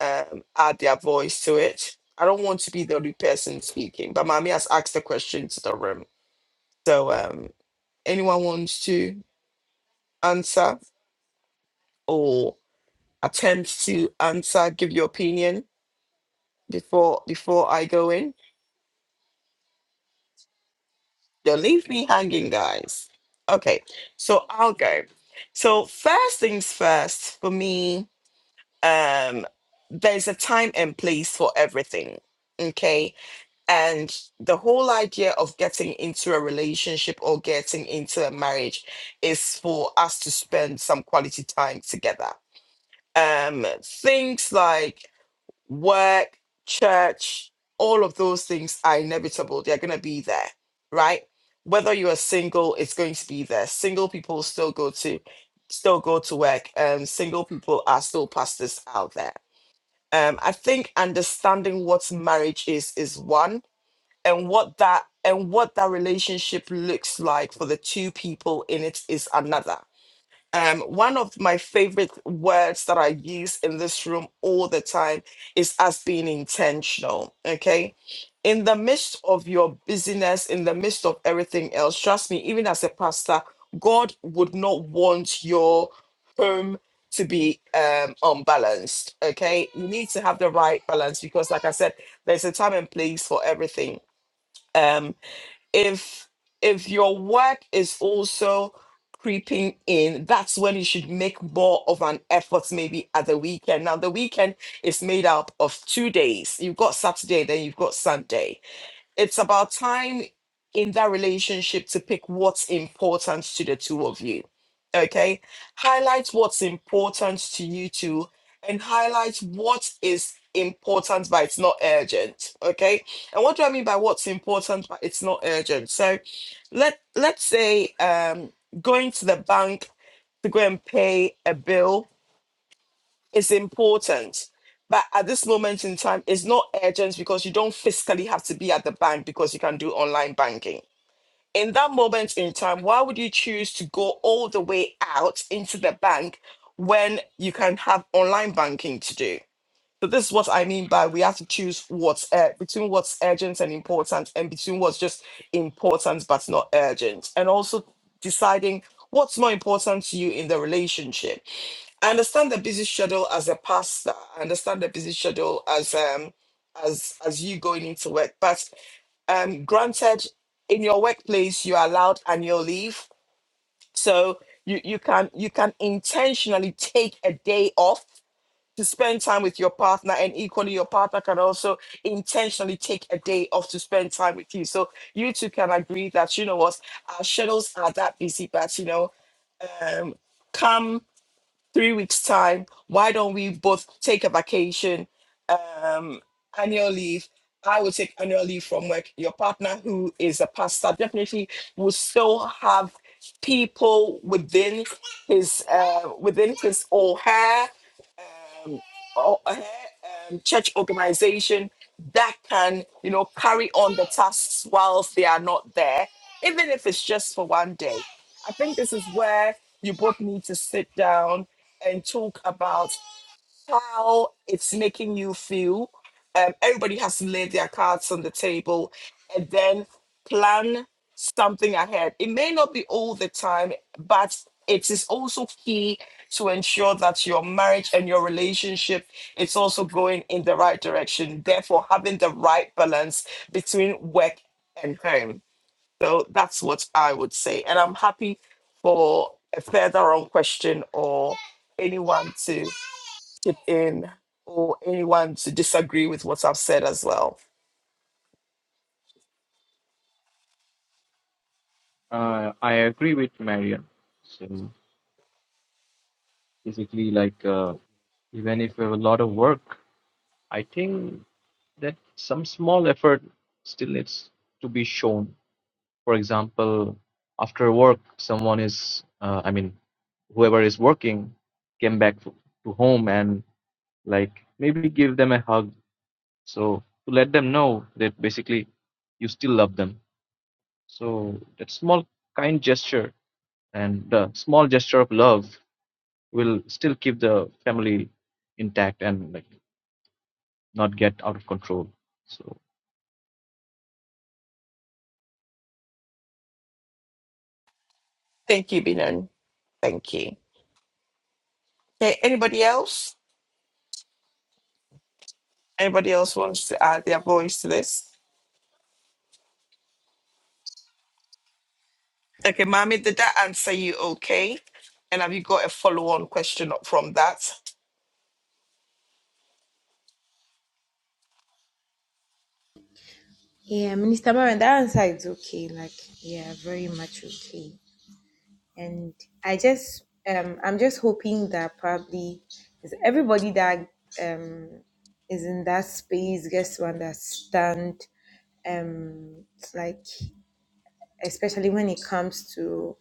Speaker 1: um add their voice to it i don't want to be the only person speaking but mommy has asked the question to the room So, um, anyone wants to answer or attempt to answer, give your opinion before before I go in? Don't leave me hanging, guys. Okay, so I'll go. So first things first, for me, um, there's a time and place for everything. Okay, and the whole idea of getting into a relationship or getting into a marriage is for us to spend some quality time together um, things like work, church, all of those things are inevitable. They're going to be there, right? Whether you are single, it's going to be there. Single people still go to still go to work. Um, single people are still pastors out there. Um, I think understanding what marriage is is one, and what that and what that relationship looks like for the two people in it is another um, one of my favorite words that I use in this room all the time is as being intentional. Okay. In the midst of your busyness, in the midst of everything else, trust me, even as a pastor, God would not want your home to be um, unbalanced. Okay. You need to have the right balance because, like I said, there's a time and place for everything. Um, if if your work is also creeping in that's when you should make more of an effort maybe at the weekend now the weekend is made up of two days you've got saturday then you've got sunday it's about time in that relationship to pick what's important to the two of you. Okay. Highlight what's important to you two and highlight what is important but it's not urgent. Okay. And what do I mean by what's important but it's not urgent? So let let's say um going to the bank to go and pay a bill it's important. But at this moment in time, it's not urgent because you don't physically have to be at the bank because you can do online banking. In that moment in time, why would you choose to go all the way out into the bank when you can have online banking to do? So this is what I mean by we have to choose what's uh, between what's urgent and important, and between what's just important but not urgent, and also deciding what's more important to you in the relationship I understand the busy schedule as a pastor. I understand the busy schedule as um as as you going into work. But um granted in your workplace you are allowed annual leave. So you, you can you can intentionally take a day off to spend time with your partner and equally your partner can also intentionally take a day off to spend time with you. So you two can agree that you know what our schedules are that busy, but you know, um come three weeks time why don't we both take a vacation um annual leave i will take annual leave from work your partner who is a pastor definitely will still have people within his uh within his or her um, or, uh, um, church organization that can, you know, carry on the tasks whilst they are not there, even if it's just for one day. I think this is where you both need to sit down and talk about how it's making you feel. Um, everybody has to lay their cards on the table and then plan something ahead. It may not be all the time, but it is also key to ensure that your marriage and your relationship is also going in the right direction. Therefore, having the right balance between work and home. So that's what I would say. And I'm happy for a further on question or anyone to chip in or anyone to disagree with what I've said as well.
Speaker 3: Uh, I agree with Marion. So basically, like, uh, even if we have a lot of work, I think that some small effort still needs to be shown for example, after work, someone is, uh, I mean, whoever is working came back f- to home and like maybe give them a hug. So to let them know that basically you still love them. So that small kind gesture and the small gesture of love will still keep the family intact and like not get out of control. So
Speaker 1: Thank you, Binan. Thank you. Okay, anybody else? Anybody else wants to add their voice to this? Okay, Mami, did that answer you okay? And have you got a follow-on question from that?
Speaker 6: Yeah, Minister Maren, that answer is okay. Like, yeah, very much okay. and I just um I'm just hoping that probably is everybody that um is in that space gets to understand um like especially when it comes to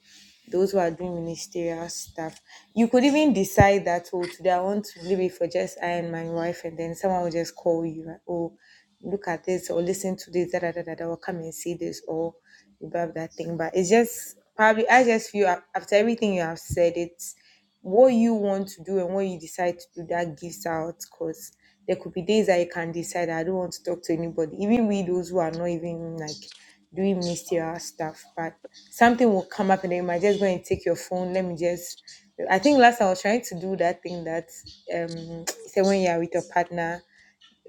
Speaker 6: those who are doing ministerial stuff. You could even decide that, oh, today I want to leave it for just I and my wife, and then someone will just call you, like, oh, look at this, or listen to this, da da da da, da, or come and see this, or you have that thing. But it's just probably, I just feel af- after everything you have said, it what you want to do and what you decide to do that gives out because there could be days that you can decide I don't want to talk to anybody, even we those who are not even like doing mysterious stuff, but something will come up and then you might just go and take your phone. Let me just I think last I was trying to do that thing that um say when you are with your partner,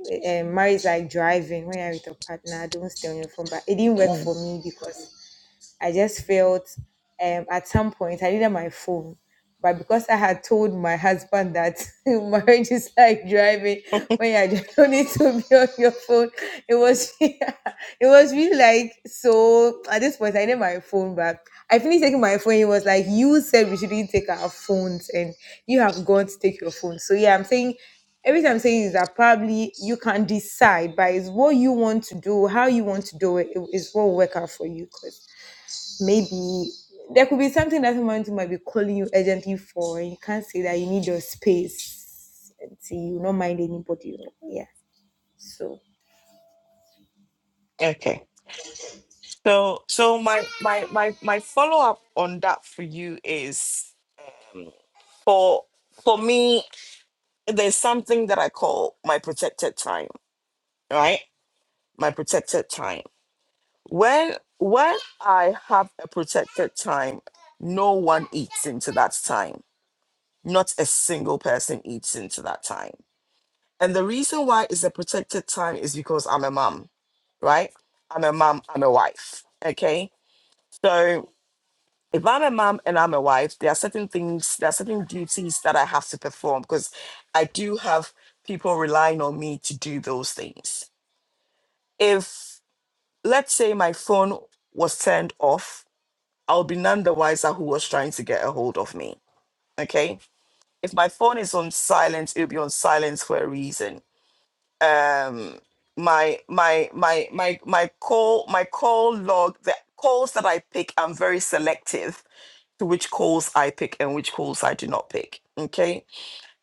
Speaker 6: um marriage is like driving, when you're with your partner, don't stay on your phone. But it didn't work
Speaker 1: Mm,
Speaker 6: for me because I just felt um, at some point I needed my phone. But because I had told my husband that marriage is like driving, when you are- don't need to be on your phone, it was it was really like so. At this point, I needed my phone, but I finished taking my phone. He was like, "You said we shouldn't take our phones, and you have gone to take your phone." So yeah, I'm saying everything I'm saying is that probably you can decide, but it's what you want to do, how you want to do it, it is what will work out for you maybe there could be something that someone might be calling you urgently for, and you can't say that you need your space until you don't mind anybody. Yeah. So.
Speaker 1: Okay. So so my my my my follow-up on that for you is for for me, there's something that I call my protected time, right? My protected time. When when I have a protected time, no one eats into that time. Not a single person eats into that time. And the reason why it's a protected time is because I'm a mom, right? I'm a mom, I'm a wife. Okay. So if I'm a mom and I'm a wife, there are certain things, there are certain duties that I have to perform because I do have people relying on me to do those things. If let's say my phone was turned off I'll be none the wiser who was trying to get a hold of me. Okay. If my phone is on silent, it'll be on silent for a reason. Um my my my my my call my call log the calls that I pick, I'm very selective to which calls I pick and which calls I do not pick. Okay.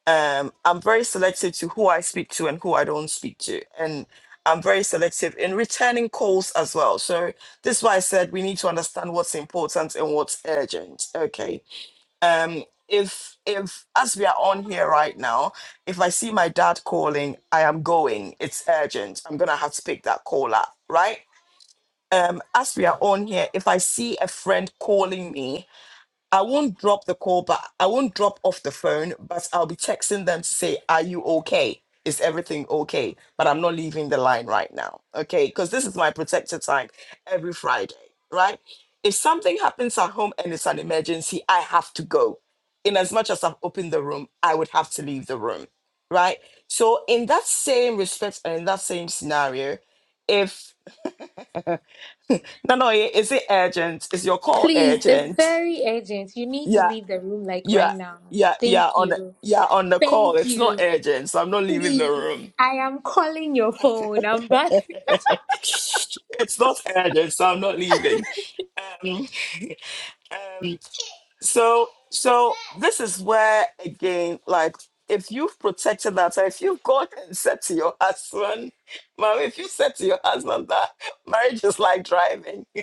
Speaker 1: Um I'm very selective to who I speak to and who I don't speak to. And I'm very selective in returning calls as well. So this is why I said we need to understand what's important and what's urgent. Okay um if if as we are on here right now if i see my dad calling i am going it's urgent i'm gonna have to pick that call up right um as we are on here if i see a friend calling me I won't drop the call, but I won't drop off the phone, but I'll be texting them to say, Are you okay? Is everything okay? But I'm not leaving the line right now. Okay. Because this is my protected time every Friday, right? If something happens at home and it's an emergency, I have to go. In as much as I've opened the room, I would have to leave the room, right? So, in that same respect and in that same scenario, if no, no, is it urgent? Is your call
Speaker 5: Please, it's
Speaker 1: urgent?
Speaker 5: very urgent. You need to
Speaker 1: Yeah.
Speaker 5: leave the room like right
Speaker 1: Yeah,
Speaker 5: now.
Speaker 1: yeah, yeah.
Speaker 5: Thank
Speaker 1: On the,
Speaker 5: you.
Speaker 1: yeah, on the call.
Speaker 5: Thank
Speaker 1: It's not
Speaker 5: you.
Speaker 1: urgent, so I'm not leaving the
Speaker 5: Please,
Speaker 1: room.
Speaker 5: I am calling your phone. I'm back.
Speaker 1: it's not urgent, so I'm not leaving. Um, um. So, so this is where again, like, if you've protected that, if you've gone and said to your husband, mom, if you said to your husband that marriage is like driving,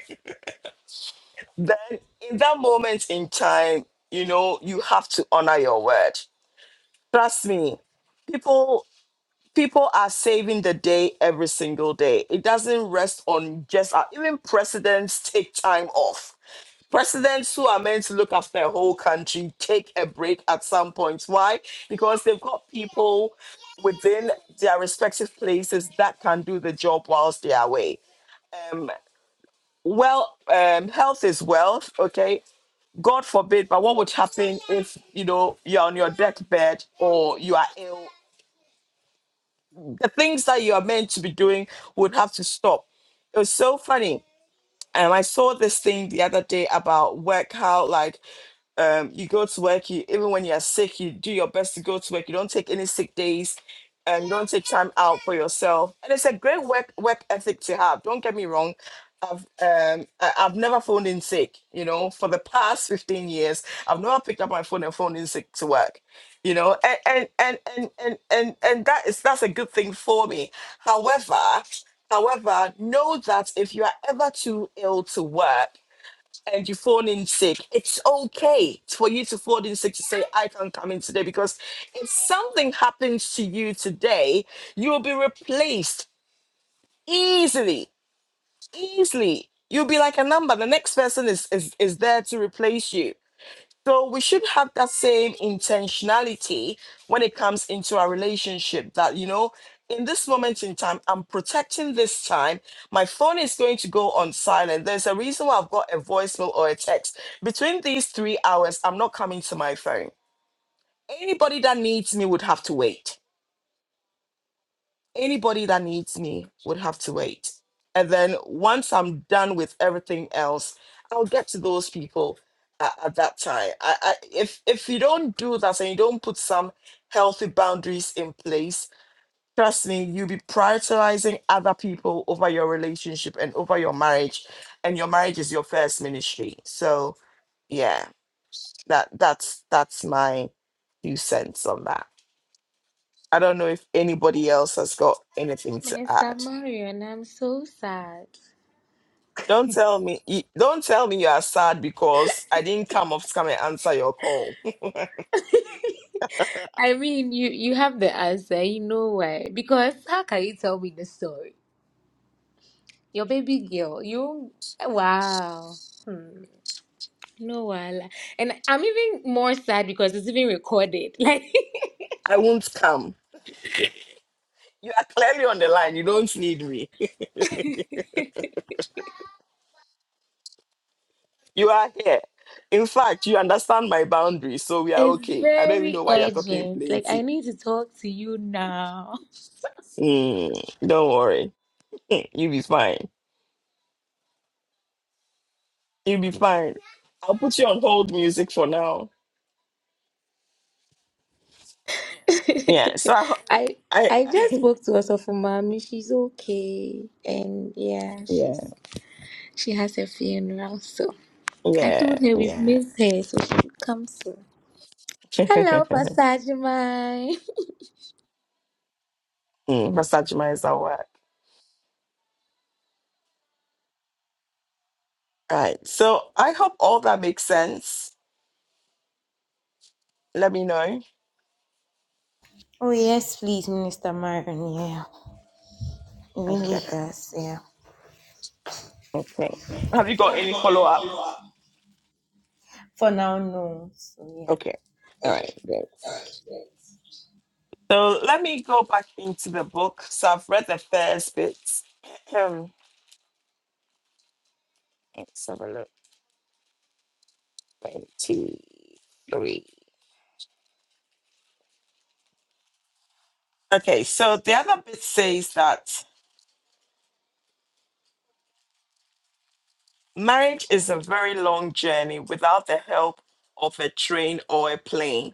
Speaker 1: then in that moment in time, you know, you have to honor your word. Trust me, people. people are saving the day every single day. It doesn't rest on just uh, even presidents take time off. Presidents who are meant to look after a whole country take a break at some points. Why? Because they've got people within their respective places that can do the job whilst they are away. Um, well, um, health is wealth. Okay, God forbid, but what would happen if you know you're on your deathbed or you are ill the things that you are meant to be doing would have to stop. It was so funny. And I saw this thing the other day about work, how like um, you go to work you even when you're sick you do your best to go to work you don't take any sick days and you don't take time out for yourself and it's a great work work ethic to have don't get me wrong I've um I- I've never phoned in sick, you know. For the past fifteen years, I've never picked up my phone and phoned in sick to work, you know. And and and and and and, and that is that's a good thing for me. However, however, know that if you are ever too ill to work, and you phone in sick, it's okay for you to phone in sick to say, I can't come in today. Because if something happens to you today, you will be replaced easily, easily. You'll be like a number. The next person is, is, is there to replace you. So we should have that same intentionality when it comes into our relationship that, you know, in this moment in time, I'm protecting this time. My phone is going to go on silent. There's a reason why I've got a voicemail or a text. Between these three hours, I'm not coming to my phone. Anybody that needs me would have to wait anybody that needs me would have to wait. And then once I'm done with everything else, I'll get to those people at, at that time. I, I, if if you don't do that and you don't put some healthy boundaries in place, trust me, you'll be prioritizing other people over your relationship and over your marriage, and your marriage is your first ministry. So yeah, that that's that's my two cents on that. I don't know if anybody else has got anything to
Speaker 5: Minister
Speaker 1: add.
Speaker 5: Marion, I'm so sad.
Speaker 1: Don't tell me. you- Don't tell me you are sad because I didn't come up to come and answer your call.
Speaker 5: I mean, you you have the answer, you know why? Because how can you tell me the story? Your baby girl, you wow. Hmm. No wala. And I'm even more sad because it's even recorded. Like
Speaker 1: I won't come. You are clearly on the line. You don't need me. You are here. In fact, you understand my boundaries, so we are
Speaker 5: it's
Speaker 1: okay. I don't even
Speaker 5: very
Speaker 1: know why you're talking
Speaker 5: urgent. Like I
Speaker 1: plenty.
Speaker 5: need to talk to you now.
Speaker 1: Mm, don't worry. You'll be fine. You'll be fine. I'll put you on hold music for now. Yeah. So
Speaker 5: I
Speaker 1: I.
Speaker 5: I just
Speaker 1: I
Speaker 5: spoke to us of mommy. She's okay, and yeah,
Speaker 1: yeah.
Speaker 5: she's she has a funeral. So I
Speaker 1: Yeah.
Speaker 5: told her we've
Speaker 1: Yeah.
Speaker 5: missed her, so she should come soon. Hello, Pastor Ajimai.
Speaker 1: mm, Massage my hour. Right. So I hope all that makes sense. Let me know.
Speaker 6: Oh yes, please, Minister Marion. Yeah, we
Speaker 1: Okay.
Speaker 6: need us. Yeah.
Speaker 1: Okay. Have you got
Speaker 6: Have you
Speaker 1: any
Speaker 6: got
Speaker 1: follow
Speaker 6: any
Speaker 1: up?
Speaker 6: follow up? For now, no. So yeah.
Speaker 1: Okay. All
Speaker 6: Okay.
Speaker 1: right. Great.
Speaker 6: All right. Yeah.
Speaker 1: So let me go back into the book. So I've read the first bits. Let's have a look. One, two, three. okay. So the other bit says that marriage is a very long journey without the help of a train or a plane.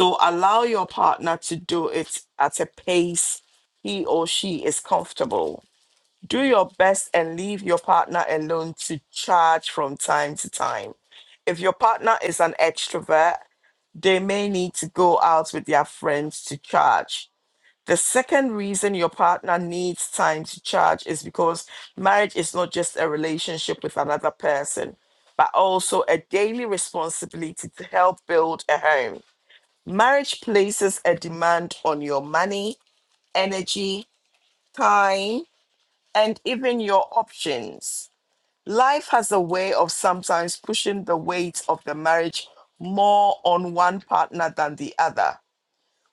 Speaker 1: So allow your partner to do it at a pace he or she is comfortable. Do your best and leave your partner alone to charge from time to time. If your partner is an extrovert, they may need to go out with their friends to charge. The second reason your partner needs time to charge is because marriage is not just a relationship with another person, but also a daily responsibility to help build a home Marriage places a demand on your money, energy, time, and even your options. Life has a way of sometimes pushing the weight of the marriage more on one partner than the other.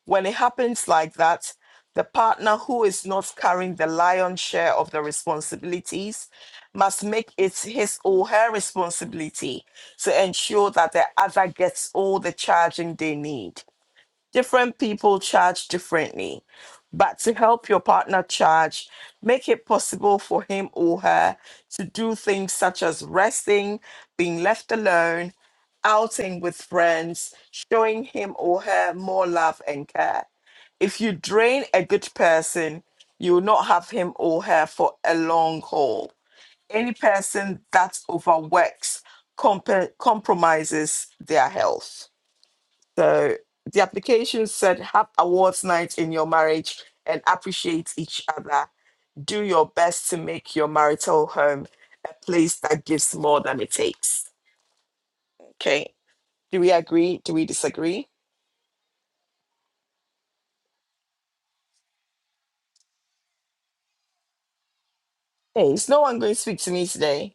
Speaker 1: When it happens like that, the partner who is not carrying the lion's share of the responsibilities must make it his or her responsibility to ensure that the other gets all the charging they need different people charge differently. But to help your partner charge, make it possible for him or her to do things such as resting, being left alone, outing with friends, showing him or her more love and care. If you drain a good person, you will not have him or her for a long haul. Any person that overworks comp- compromises their health. So the application said, have awards night in your marriage and appreciate each other. Do your best to make your marital home a place that gives more than it takes. Okay. Do we agree? Do we disagree? Hey, is no one going to speak to me today?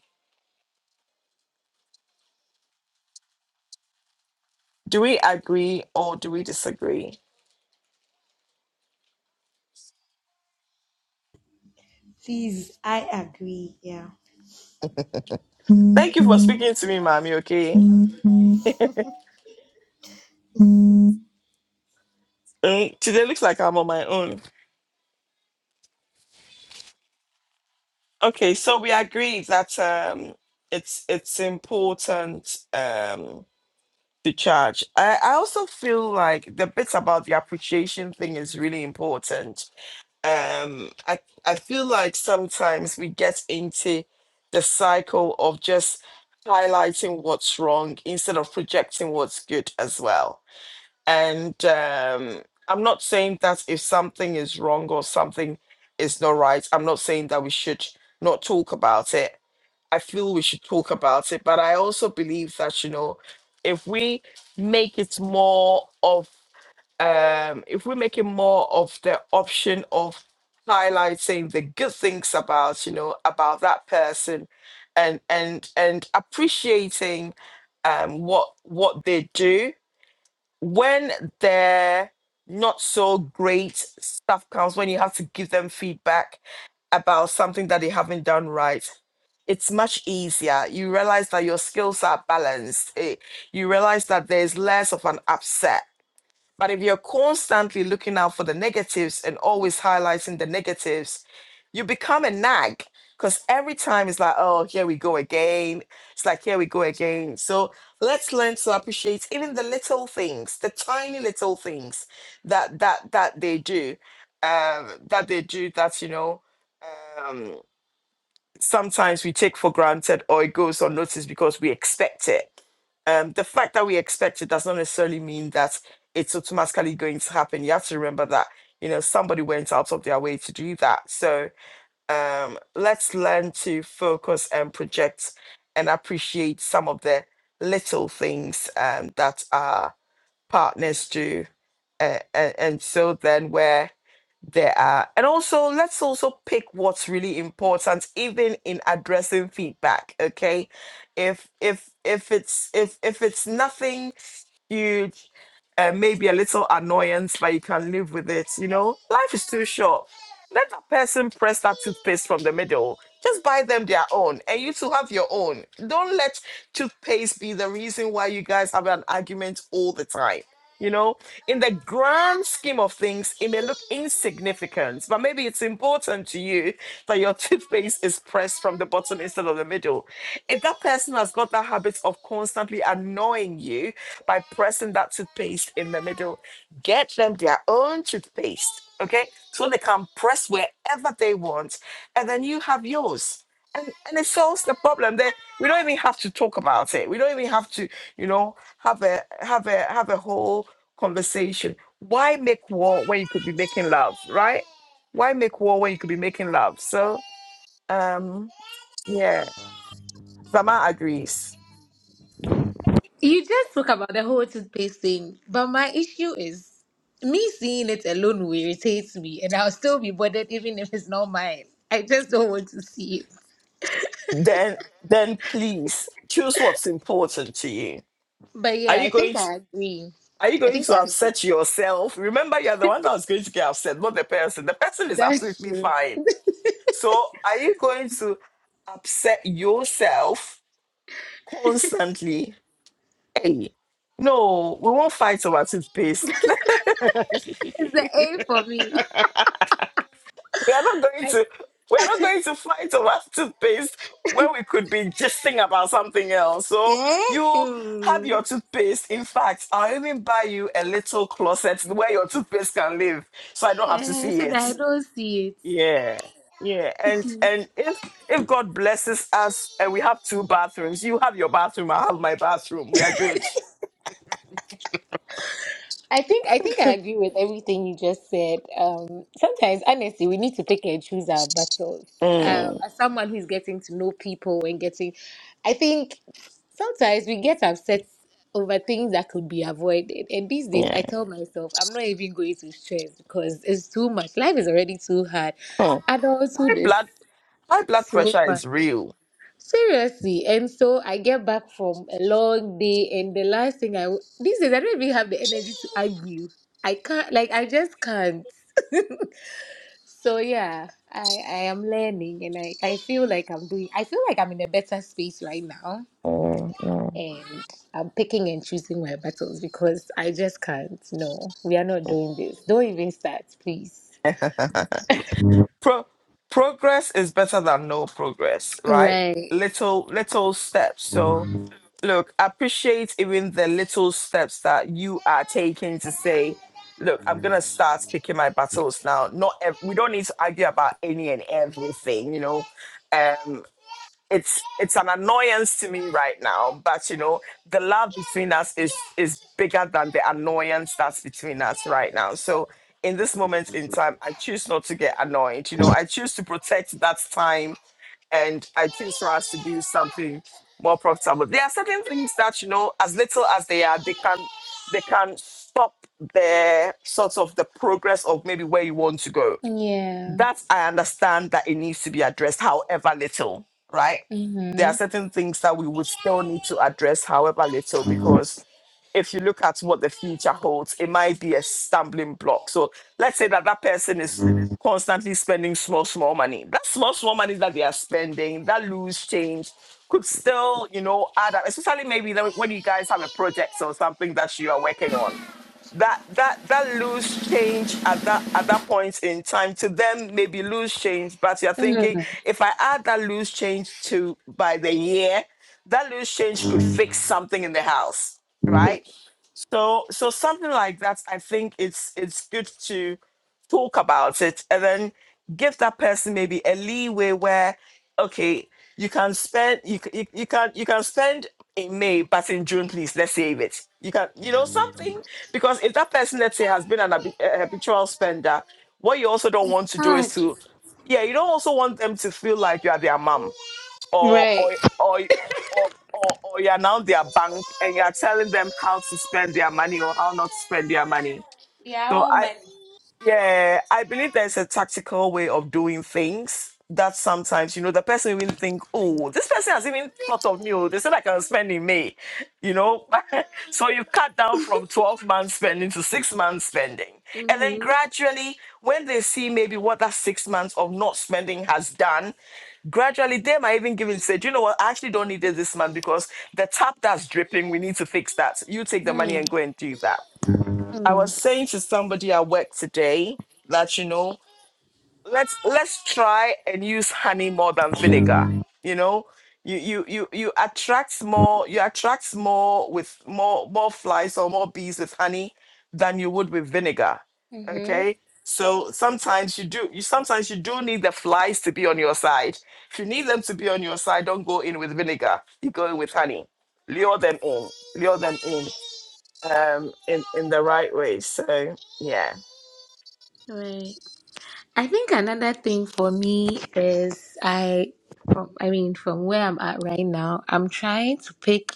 Speaker 1: Do we agree or do we disagree?
Speaker 6: Please, I agree. Yeah.
Speaker 1: Thank you for speaking to me, mommy. Okay. Um, today looks like I'm on my own. Okay, so we agreed that um, it's it's important. Um, to charge. I, I also feel like the bits about the appreciation thing is really important. Um, I I feel like sometimes we get into the cycle of just highlighting what's wrong instead of projecting what's good as well and um, I'm not saying that if something is wrong or something is not right, I'm not saying that we should not talk about it. I feel we should talk about it, but I also believe that you know, if we make it more of, um, if we make it more of the option of highlighting the good things about you know about that person, and and and appreciating um, what what they do when their not so great stuff comes, when you have to give them feedback about something that they haven't done right, it's much easier. You realize that your skills are balanced. Eh, you realize that there's less of an upset but if you're constantly looking out for the negatives and always highlighting the negatives, you become a nag because every time it's like, oh, here we go again. It's like, here we go again. So let's learn to appreciate even the little things, the tiny little things that that that they do, um, that they do that you know. um, sometimes we take for granted or it goes unnoticed because we expect it. Um, the fact that we expect it does not necessarily mean that it's automatically going to happen. You have to remember that, you know, somebody went out of their way to do that. So um, let's learn to focus and project and appreciate some of the little things um, that our partners do. And, and, and so then we're there are and also let's also pick what's really important even in addressing feedback okay if if if it's if if it's nothing huge, uh, maybe a little annoyance, but you can live with it. You know, life is too short. Let that person press that toothpaste from the middle. Just buy them their own, and you two have your own. Don't let toothpaste be the reason why you guys have an argument all the time. You know, in the grand scheme of things, it may look insignificant, but maybe it's important to you that your toothpaste is pressed from the bottom instead of the middle. If that person has got that habit of constantly annoying you, by pressing that toothpaste in the middle. Get them their own toothpaste, okay? So they can press wherever they want, and then you have yours. And, and it solves the problem. That we don't even have to talk about it. We don't even have to, you know, have a have a have a whole conversation. Why make war when you could be making love, right? Why make war when you could be making love? So, um, yeah, Zama agrees.
Speaker 5: You just spoke about the whole toothpaste thing, but my issue is me seeing it alone will irritate me, and I'll still be bothered even if it's not mine. I just don't want to see it.
Speaker 1: Then, then please choose what's important to you
Speaker 5: But
Speaker 1: Are
Speaker 5: yeah, I
Speaker 1: you
Speaker 5: think
Speaker 1: going to?
Speaker 5: I agree.
Speaker 1: Are you
Speaker 5: I
Speaker 1: going
Speaker 5: think
Speaker 1: to
Speaker 5: I agree.
Speaker 1: upset yourself? Remember, you're the one that was going to get upset, not the person. The person is
Speaker 5: That's
Speaker 1: absolutely
Speaker 5: true.
Speaker 1: fine. So, are you going to upset yourself constantly? Hey, no, we won't fight over toothpaste.
Speaker 5: It's the A for me.
Speaker 1: we are not going to. We are not going to fight over toothpaste when we could be gisting about something else. So,
Speaker 5: Eh?
Speaker 1: you have your toothpaste. In fact, I'll even buy you a little closet where your toothpaste can live so I don't have to
Speaker 5: Eh,
Speaker 1: see
Speaker 5: so that I
Speaker 1: it.
Speaker 5: don't see it.
Speaker 1: Yeah, yeah, and and if if God blesses us and we have two bathrooms, you have your bathroom, I have my bathroom. We are good.
Speaker 5: I think I think I agree with everything you just said. Um, sometimes, honestly, we need to pick and choose our battles. Um,
Speaker 1: Mm,
Speaker 5: as someone who's getting to know people and getting, I think sometimes we get upset over things that could be avoided. And these days,
Speaker 1: yeah.
Speaker 5: I tell myself I'm not even going to stress because it's too much. Life is already too hard.
Speaker 1: Mm.
Speaker 5: Adulthood
Speaker 1: High
Speaker 5: is
Speaker 1: blood high blood
Speaker 5: so
Speaker 1: pressure is
Speaker 5: much.
Speaker 1: real.
Speaker 5: Seriously, and so I get back from a long day, and the last thing I w- these days I don't even have the energy to argue. I can't, like, I just can't. So yeah, I I am learning, and I I feel like I'm doing. I feel like I'm in a better space right now,
Speaker 1: Mm, mm.
Speaker 5: and I'm picking and choosing my battles because I just can't. No, we are not doing this. Don't even start, please.
Speaker 1: Pro- progress is better than no progress, right?
Speaker 5: Right.
Speaker 1: Little little steps. So look, appreciate even the little steps that you are taking to say, look, I'm gonna start picking my battles now. Not ev- we don't need to argue about any and everything, you know. Um, it's it's an annoyance to me right now, but you know, the love between us is is bigger than the annoyance that's between us right now. So in this moment in time, I choose not to get annoyed. You know, I choose to protect that time and I choose for us to do something more profitable. There are certain things that you know, as little as they are, they can they can stop the sort of the progress of maybe where you want to go
Speaker 5: Yeah.
Speaker 1: that I understand that it needs to be addressed, however little, right? There
Speaker 5: Mm-hmm.
Speaker 1: are certain things that we would still need to address, however little, because if you look at what the future holds, it might be a stumbling block. So let's say that that person is constantly spending small, small money. That small, small money that they are spending, that loose change could still, you know, add up, especially maybe when you guys have a project or something that you are working on that that that loose change at that at that point in time to them maybe loose change but you're thinking
Speaker 5: Mm-hmm.
Speaker 1: if i add that loose change to by the year that loose change could fix something in the house right
Speaker 5: It's
Speaker 1: so so something like that, I think it's it's good to talk about it and then give that person maybe a leeway where okay, you can spend you c- you, you can you can spend in May, but in June, please let's save it. You can you know something because if that person let's say has been an habi- a habitual spender, what you also don't want to do
Speaker 5: hard.
Speaker 1: is to yeah, you don't also want them to feel like you are their mom or
Speaker 5: Right.
Speaker 1: or or or, or, or you're now their bank and you're telling them how to spend their money or how not to spend their money. So I
Speaker 5: Yeah.
Speaker 1: yeah, I believe there's a tactical way of doing things that sometimes, you know, the person even think, oh, this person has even thought of me. Oh, they said I can spend in May, you know. so you cut down from 12 months spending to six months spending. And then
Speaker 5: Mm-hmm.
Speaker 1: gradually, when they see maybe what that six months of not spending has done, gradually they might even give in say, "Do you know what, I actually don't need it this month because the tap that's dripping, we need to fix that. You take the money
Speaker 5: Mm.
Speaker 1: and go and do that. I was
Speaker 5: Mm.
Speaker 1: saying to somebody at work today that you know let's let's try and use honey more than vinegar. You know, you you you you attract more you attract more with more more flies or more bees with honey than you would with vinegar.
Speaker 5: Mm-hmm.
Speaker 1: Okay. So sometimes you do you sometimes you do need the flies to be on your side. If you need them to be on your side, don't go in with vinegar. You go in with honey. Lure them in. Lure them in um, in in the right way. So yeah,
Speaker 5: Right. I think another thing for me is I, from, I mean, from where I'm at right now, I'm trying to pick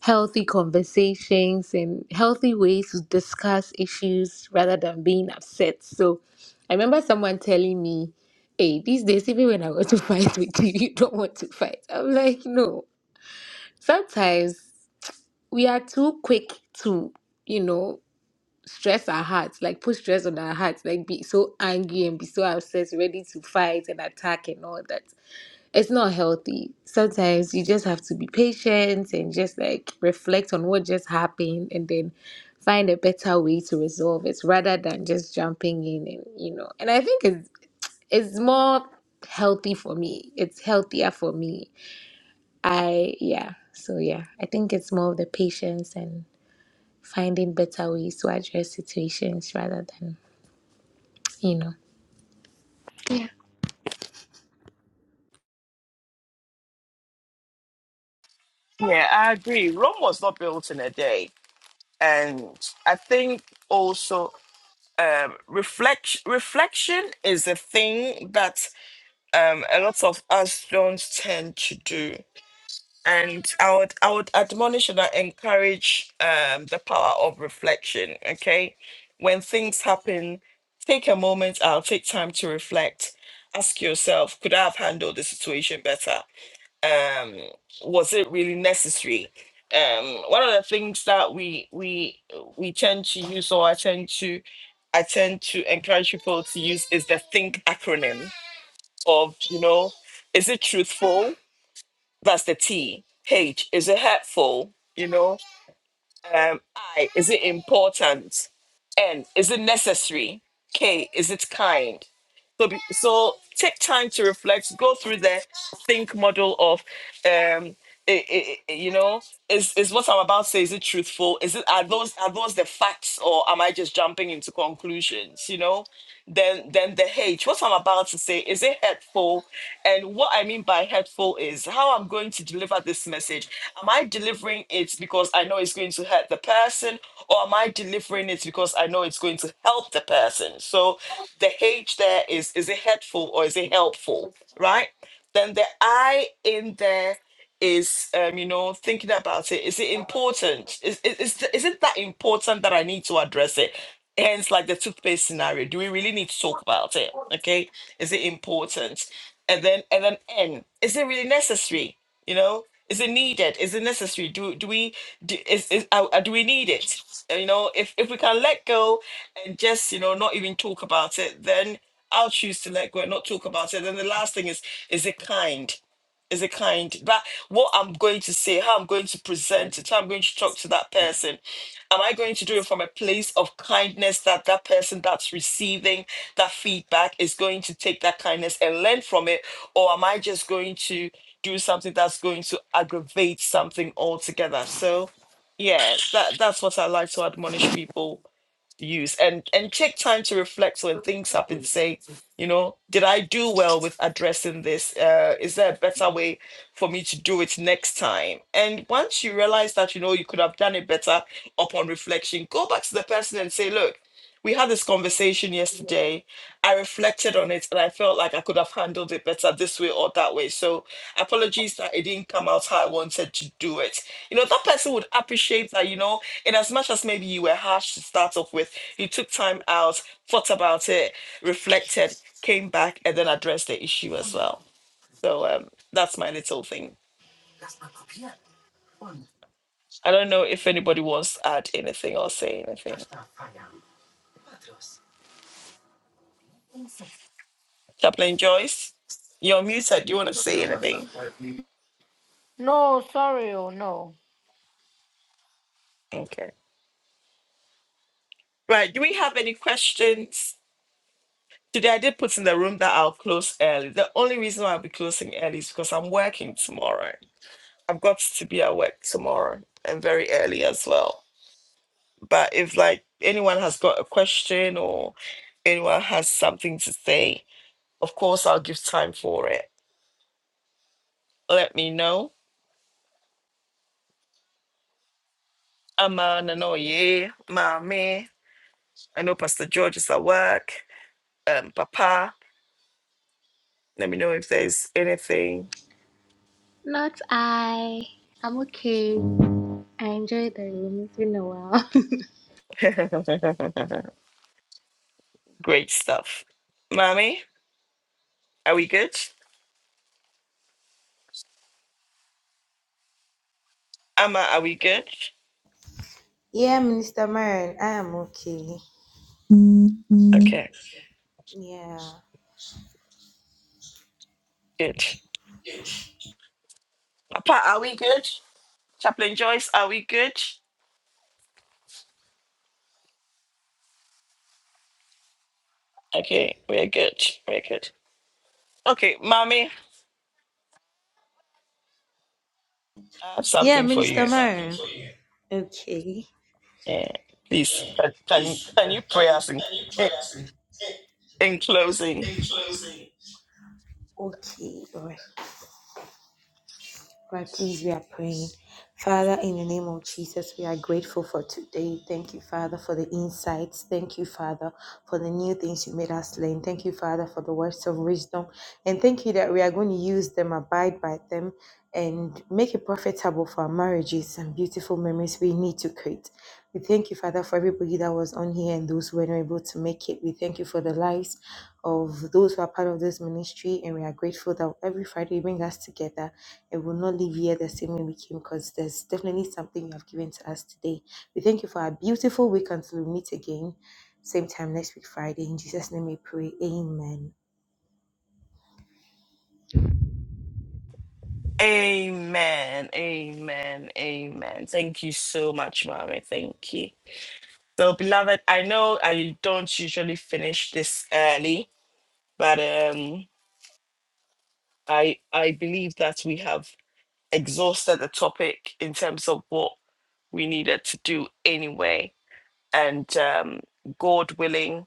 Speaker 5: healthy conversations and healthy ways to discuss issues rather than being upset. So I remember someone telling me, hey, these days, even when I want to fight with you, you don't want to fight. I'm like, no. Sometimes we are too quick to, you know. stress our hearts, like put stress on our hearts, like be so angry and be so obsessed, ready to fight and attack and all that. It's not healthy. Sometimes you just have to be patient and just like reflect on what just happened and then find a better way to resolve it rather than just jumping in and you know. And I think it's it's more healthy for me. It's healthier for me. I yeah. So yeah, I think it's more of the patience and finding better ways to address situations rather than you know,
Speaker 1: yeah, I agree. Rome was not built in a day, and I think also um, reflection reflection is a thing that um, a lot of us don't tend to do. And I would I would admonish and I encourage um, the power of reflection. Okay, when things happen, take a moment. I'll take time to reflect. Ask yourself, could I have handled the situation better? um was it really necessary um one of the things that we we we tend to use or i tend to i tend to encourage people to use is the think acronym of you know is it truthful that's the t h is it hurtful you know um, I, is it important? N, is it necessary? K, is it kind? So, be, so take time to reflect, go through the think model of, um, i- i- i- you know, is, is what I'm about to say, is it truthful? Is it, are those, are those the facts or am I just jumping into conclusions? You know, then, then the H, what I'm about to say, is it helpful? And what I mean by hurtful is how I'm going to deliver this message. Am I delivering it because I know it's going to hurt the person, or am I delivering it because I know it's going to help the person? So the H there is is it hurtful or is it helpful, right? Then the I in there is um, you know thinking about it is it important is, is, is is it that important that i need to address it hence like the toothpaste scenario do we really need to talk about it okay is it important and then and then n is it really necessary you know is it needed is it necessary do do we do, is, is uh, uh, do we need it Uh, you know if if we can let go and just you know not even talk about it then i'll choose to let go and not talk about it then the last thing is is it kind is a kind but what i'm going to say how i'm going to present it how i'm going to talk to that person am i going to do it from a place of kindness that that person that's receiving that feedback is going to take that kindness and learn from it or am i just going to do something that's going to aggravate something altogether so yeah that that's what i like to admonish people use and and take time to reflect so when things happen say you know did i do well with addressing this uh is there a better way for me to do it next time and once you realize that you know you could have done it better upon reflection go back to the person and say look we had this conversation yesterday I reflected on it and I felt like I could have handled it better this way or that way. So apologies that it didn't come out how I wanted to do it. You know, that person would appreciate that, you know, in as much as maybe you were harsh to start off with, you took time out, thought about it, reflected, came back, and then addressed the issue as well. So um, that's my little thing. I don't know if anybody wants to add anything or say anything. Chaplain Joyce, you're muted. Do you want to say anything?
Speaker 7: No, sorry, oh, no.
Speaker 1: Okay. Right. Do we have any questions? Today I did put in the room that I'll close early. The only reason why I'll be closing early is because I'm working tomorrow. I've got to be at work tomorrow and very early as well. But if like anyone has got a question or anyone has something to say, of course I'll give time for it. Let me know. I'm an anoye, mommy. I know Pastor George is at work. Um, Papa. Let me know if there's anything.
Speaker 5: not I. I'm okay. I enjoy the room. It's been a while.
Speaker 1: Great stuff. Mami, are we good? Amma, are we good?
Speaker 6: Yeah, Minister Marion, I am okay.
Speaker 1: Okay,
Speaker 6: Yeah.
Speaker 1: good. Papa, are we good? Chaplain Joyce, are we good? Okay, we're good. We're good. Okay, mommy, I have
Speaker 6: Yeah,
Speaker 1: something for
Speaker 6: Minister
Speaker 1: you.
Speaker 6: Marion. Okay.
Speaker 1: Yeah, please, can, can can you pray us in, in closing?
Speaker 6: Okay, Lord. Right, please, we are praying. Father, in the name of Jesus, we are grateful for today. Thank you, Father, for the insights. Thank you, Father, for the new things you made us learn. Thank you, Father, for the words of wisdom. And thank you that we are going to use them, abide by them, and make it profitable for our marriages and beautiful memories we need to create. We thank you, Father, for everybody that was on here and those who were not able to make it. We thank you for the lives of those who are part of this ministry, and we are grateful that every Friday you bring us together it will not leave here the same way we came because there's definitely something you have given to us today. We thank you for our beautiful week until we meet again, same time next week, Friday. In Jesus' name we pray. Amen.
Speaker 1: Amen, amen, amen. Thank you so much, mommy. Thank you. So, beloved, I know I don't usually finish this early, but um, I I believe that we have. exhausted the topic in terms of what we needed to do anyway. And um, God willing,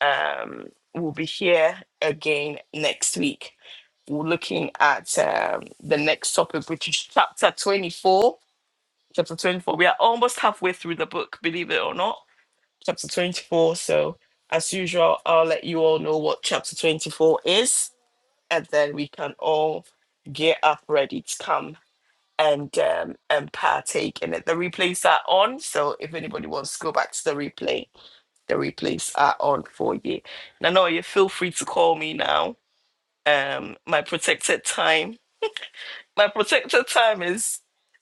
Speaker 1: um, we'll be here again next week. We're looking at um, the next topic, which is chapter 24. Chapter 24. We are almost halfway through the book, believe it or not. Chapter 24. So, as usual, I'll let you all know what chapter 24 is, and then we can all get up ready to come and um, and partake in it. The replays are on, so if anybody wants to go back to the replay, the replays are on for you. Nanoye, feel free to call me now. Um, my protected time, my protected time is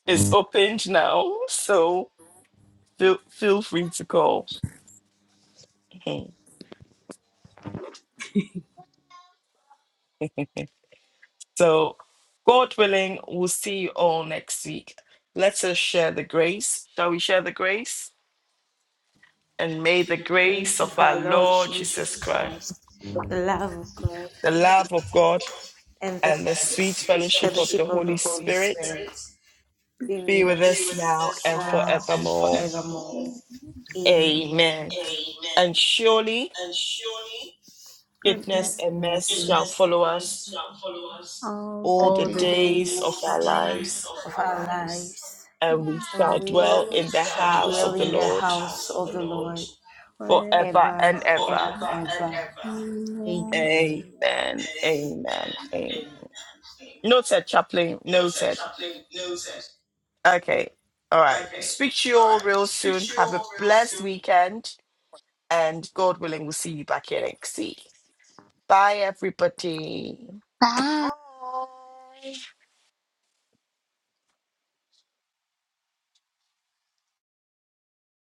Speaker 1: is opened now, so feel feel free to call. Mhm. So, God willing, we'll see you all next week. Let us share the grace. Shall we share the grace? And may the grace
Speaker 6: Grace
Speaker 1: of
Speaker 6: of
Speaker 1: our
Speaker 6: our Lord
Speaker 1: Lord Jesus
Speaker 6: Jesus
Speaker 1: Christ
Speaker 6: Christ, the love of God,
Speaker 1: the love of God
Speaker 6: and the
Speaker 1: and the sweet fellowship of
Speaker 6: fellowship
Speaker 1: the
Speaker 6: of the
Speaker 1: Holy
Speaker 6: Holy
Speaker 1: Spirit
Speaker 6: Spirit be
Speaker 1: be
Speaker 6: with
Speaker 1: with us now
Speaker 6: us
Speaker 1: and
Speaker 6: now and
Speaker 1: forevermore.
Speaker 6: forevermore. Amen.
Speaker 1: Amen.
Speaker 6: Amen.
Speaker 1: And surely
Speaker 6: And surely.
Speaker 1: goodness
Speaker 6: goodness
Speaker 1: and
Speaker 6: and mercy
Speaker 1: mercy shall
Speaker 6: Goodness
Speaker 1: follow
Speaker 6: and
Speaker 1: us
Speaker 6: mercy shall follow us
Speaker 1: all the
Speaker 6: all the all days
Speaker 1: days of our
Speaker 6: the days
Speaker 1: lives,
Speaker 6: of of our our lives, lives,
Speaker 1: and we
Speaker 6: and
Speaker 1: shall
Speaker 6: and we we
Speaker 1: dwell in the
Speaker 6: shall shall dwell
Speaker 1: house
Speaker 6: dwell
Speaker 1: of
Speaker 6: in
Speaker 1: the
Speaker 6: in the the
Speaker 1: Lord
Speaker 6: house house of of the the Lord Lord
Speaker 1: forever
Speaker 6: forever
Speaker 1: and
Speaker 6: and forever
Speaker 1: ever.
Speaker 6: and ever. ever. Amen. Amen.
Speaker 1: Amen. Amen. Amen.
Speaker 6: Amen.
Speaker 1: Noted, chaplain.
Speaker 6: No said,
Speaker 1: Noted.
Speaker 6: chaplain. No said.
Speaker 1: Okay. All right.
Speaker 6: Okay.
Speaker 1: Speak to you
Speaker 6: All
Speaker 1: all
Speaker 6: right.
Speaker 1: real
Speaker 6: Speak
Speaker 1: soon.
Speaker 6: to you
Speaker 1: Have a
Speaker 6: all real soon.
Speaker 1: blessed weekend And God willing, we'll see you back here next week. Bye, everybody.
Speaker 5: Bye.
Speaker 1: Bye.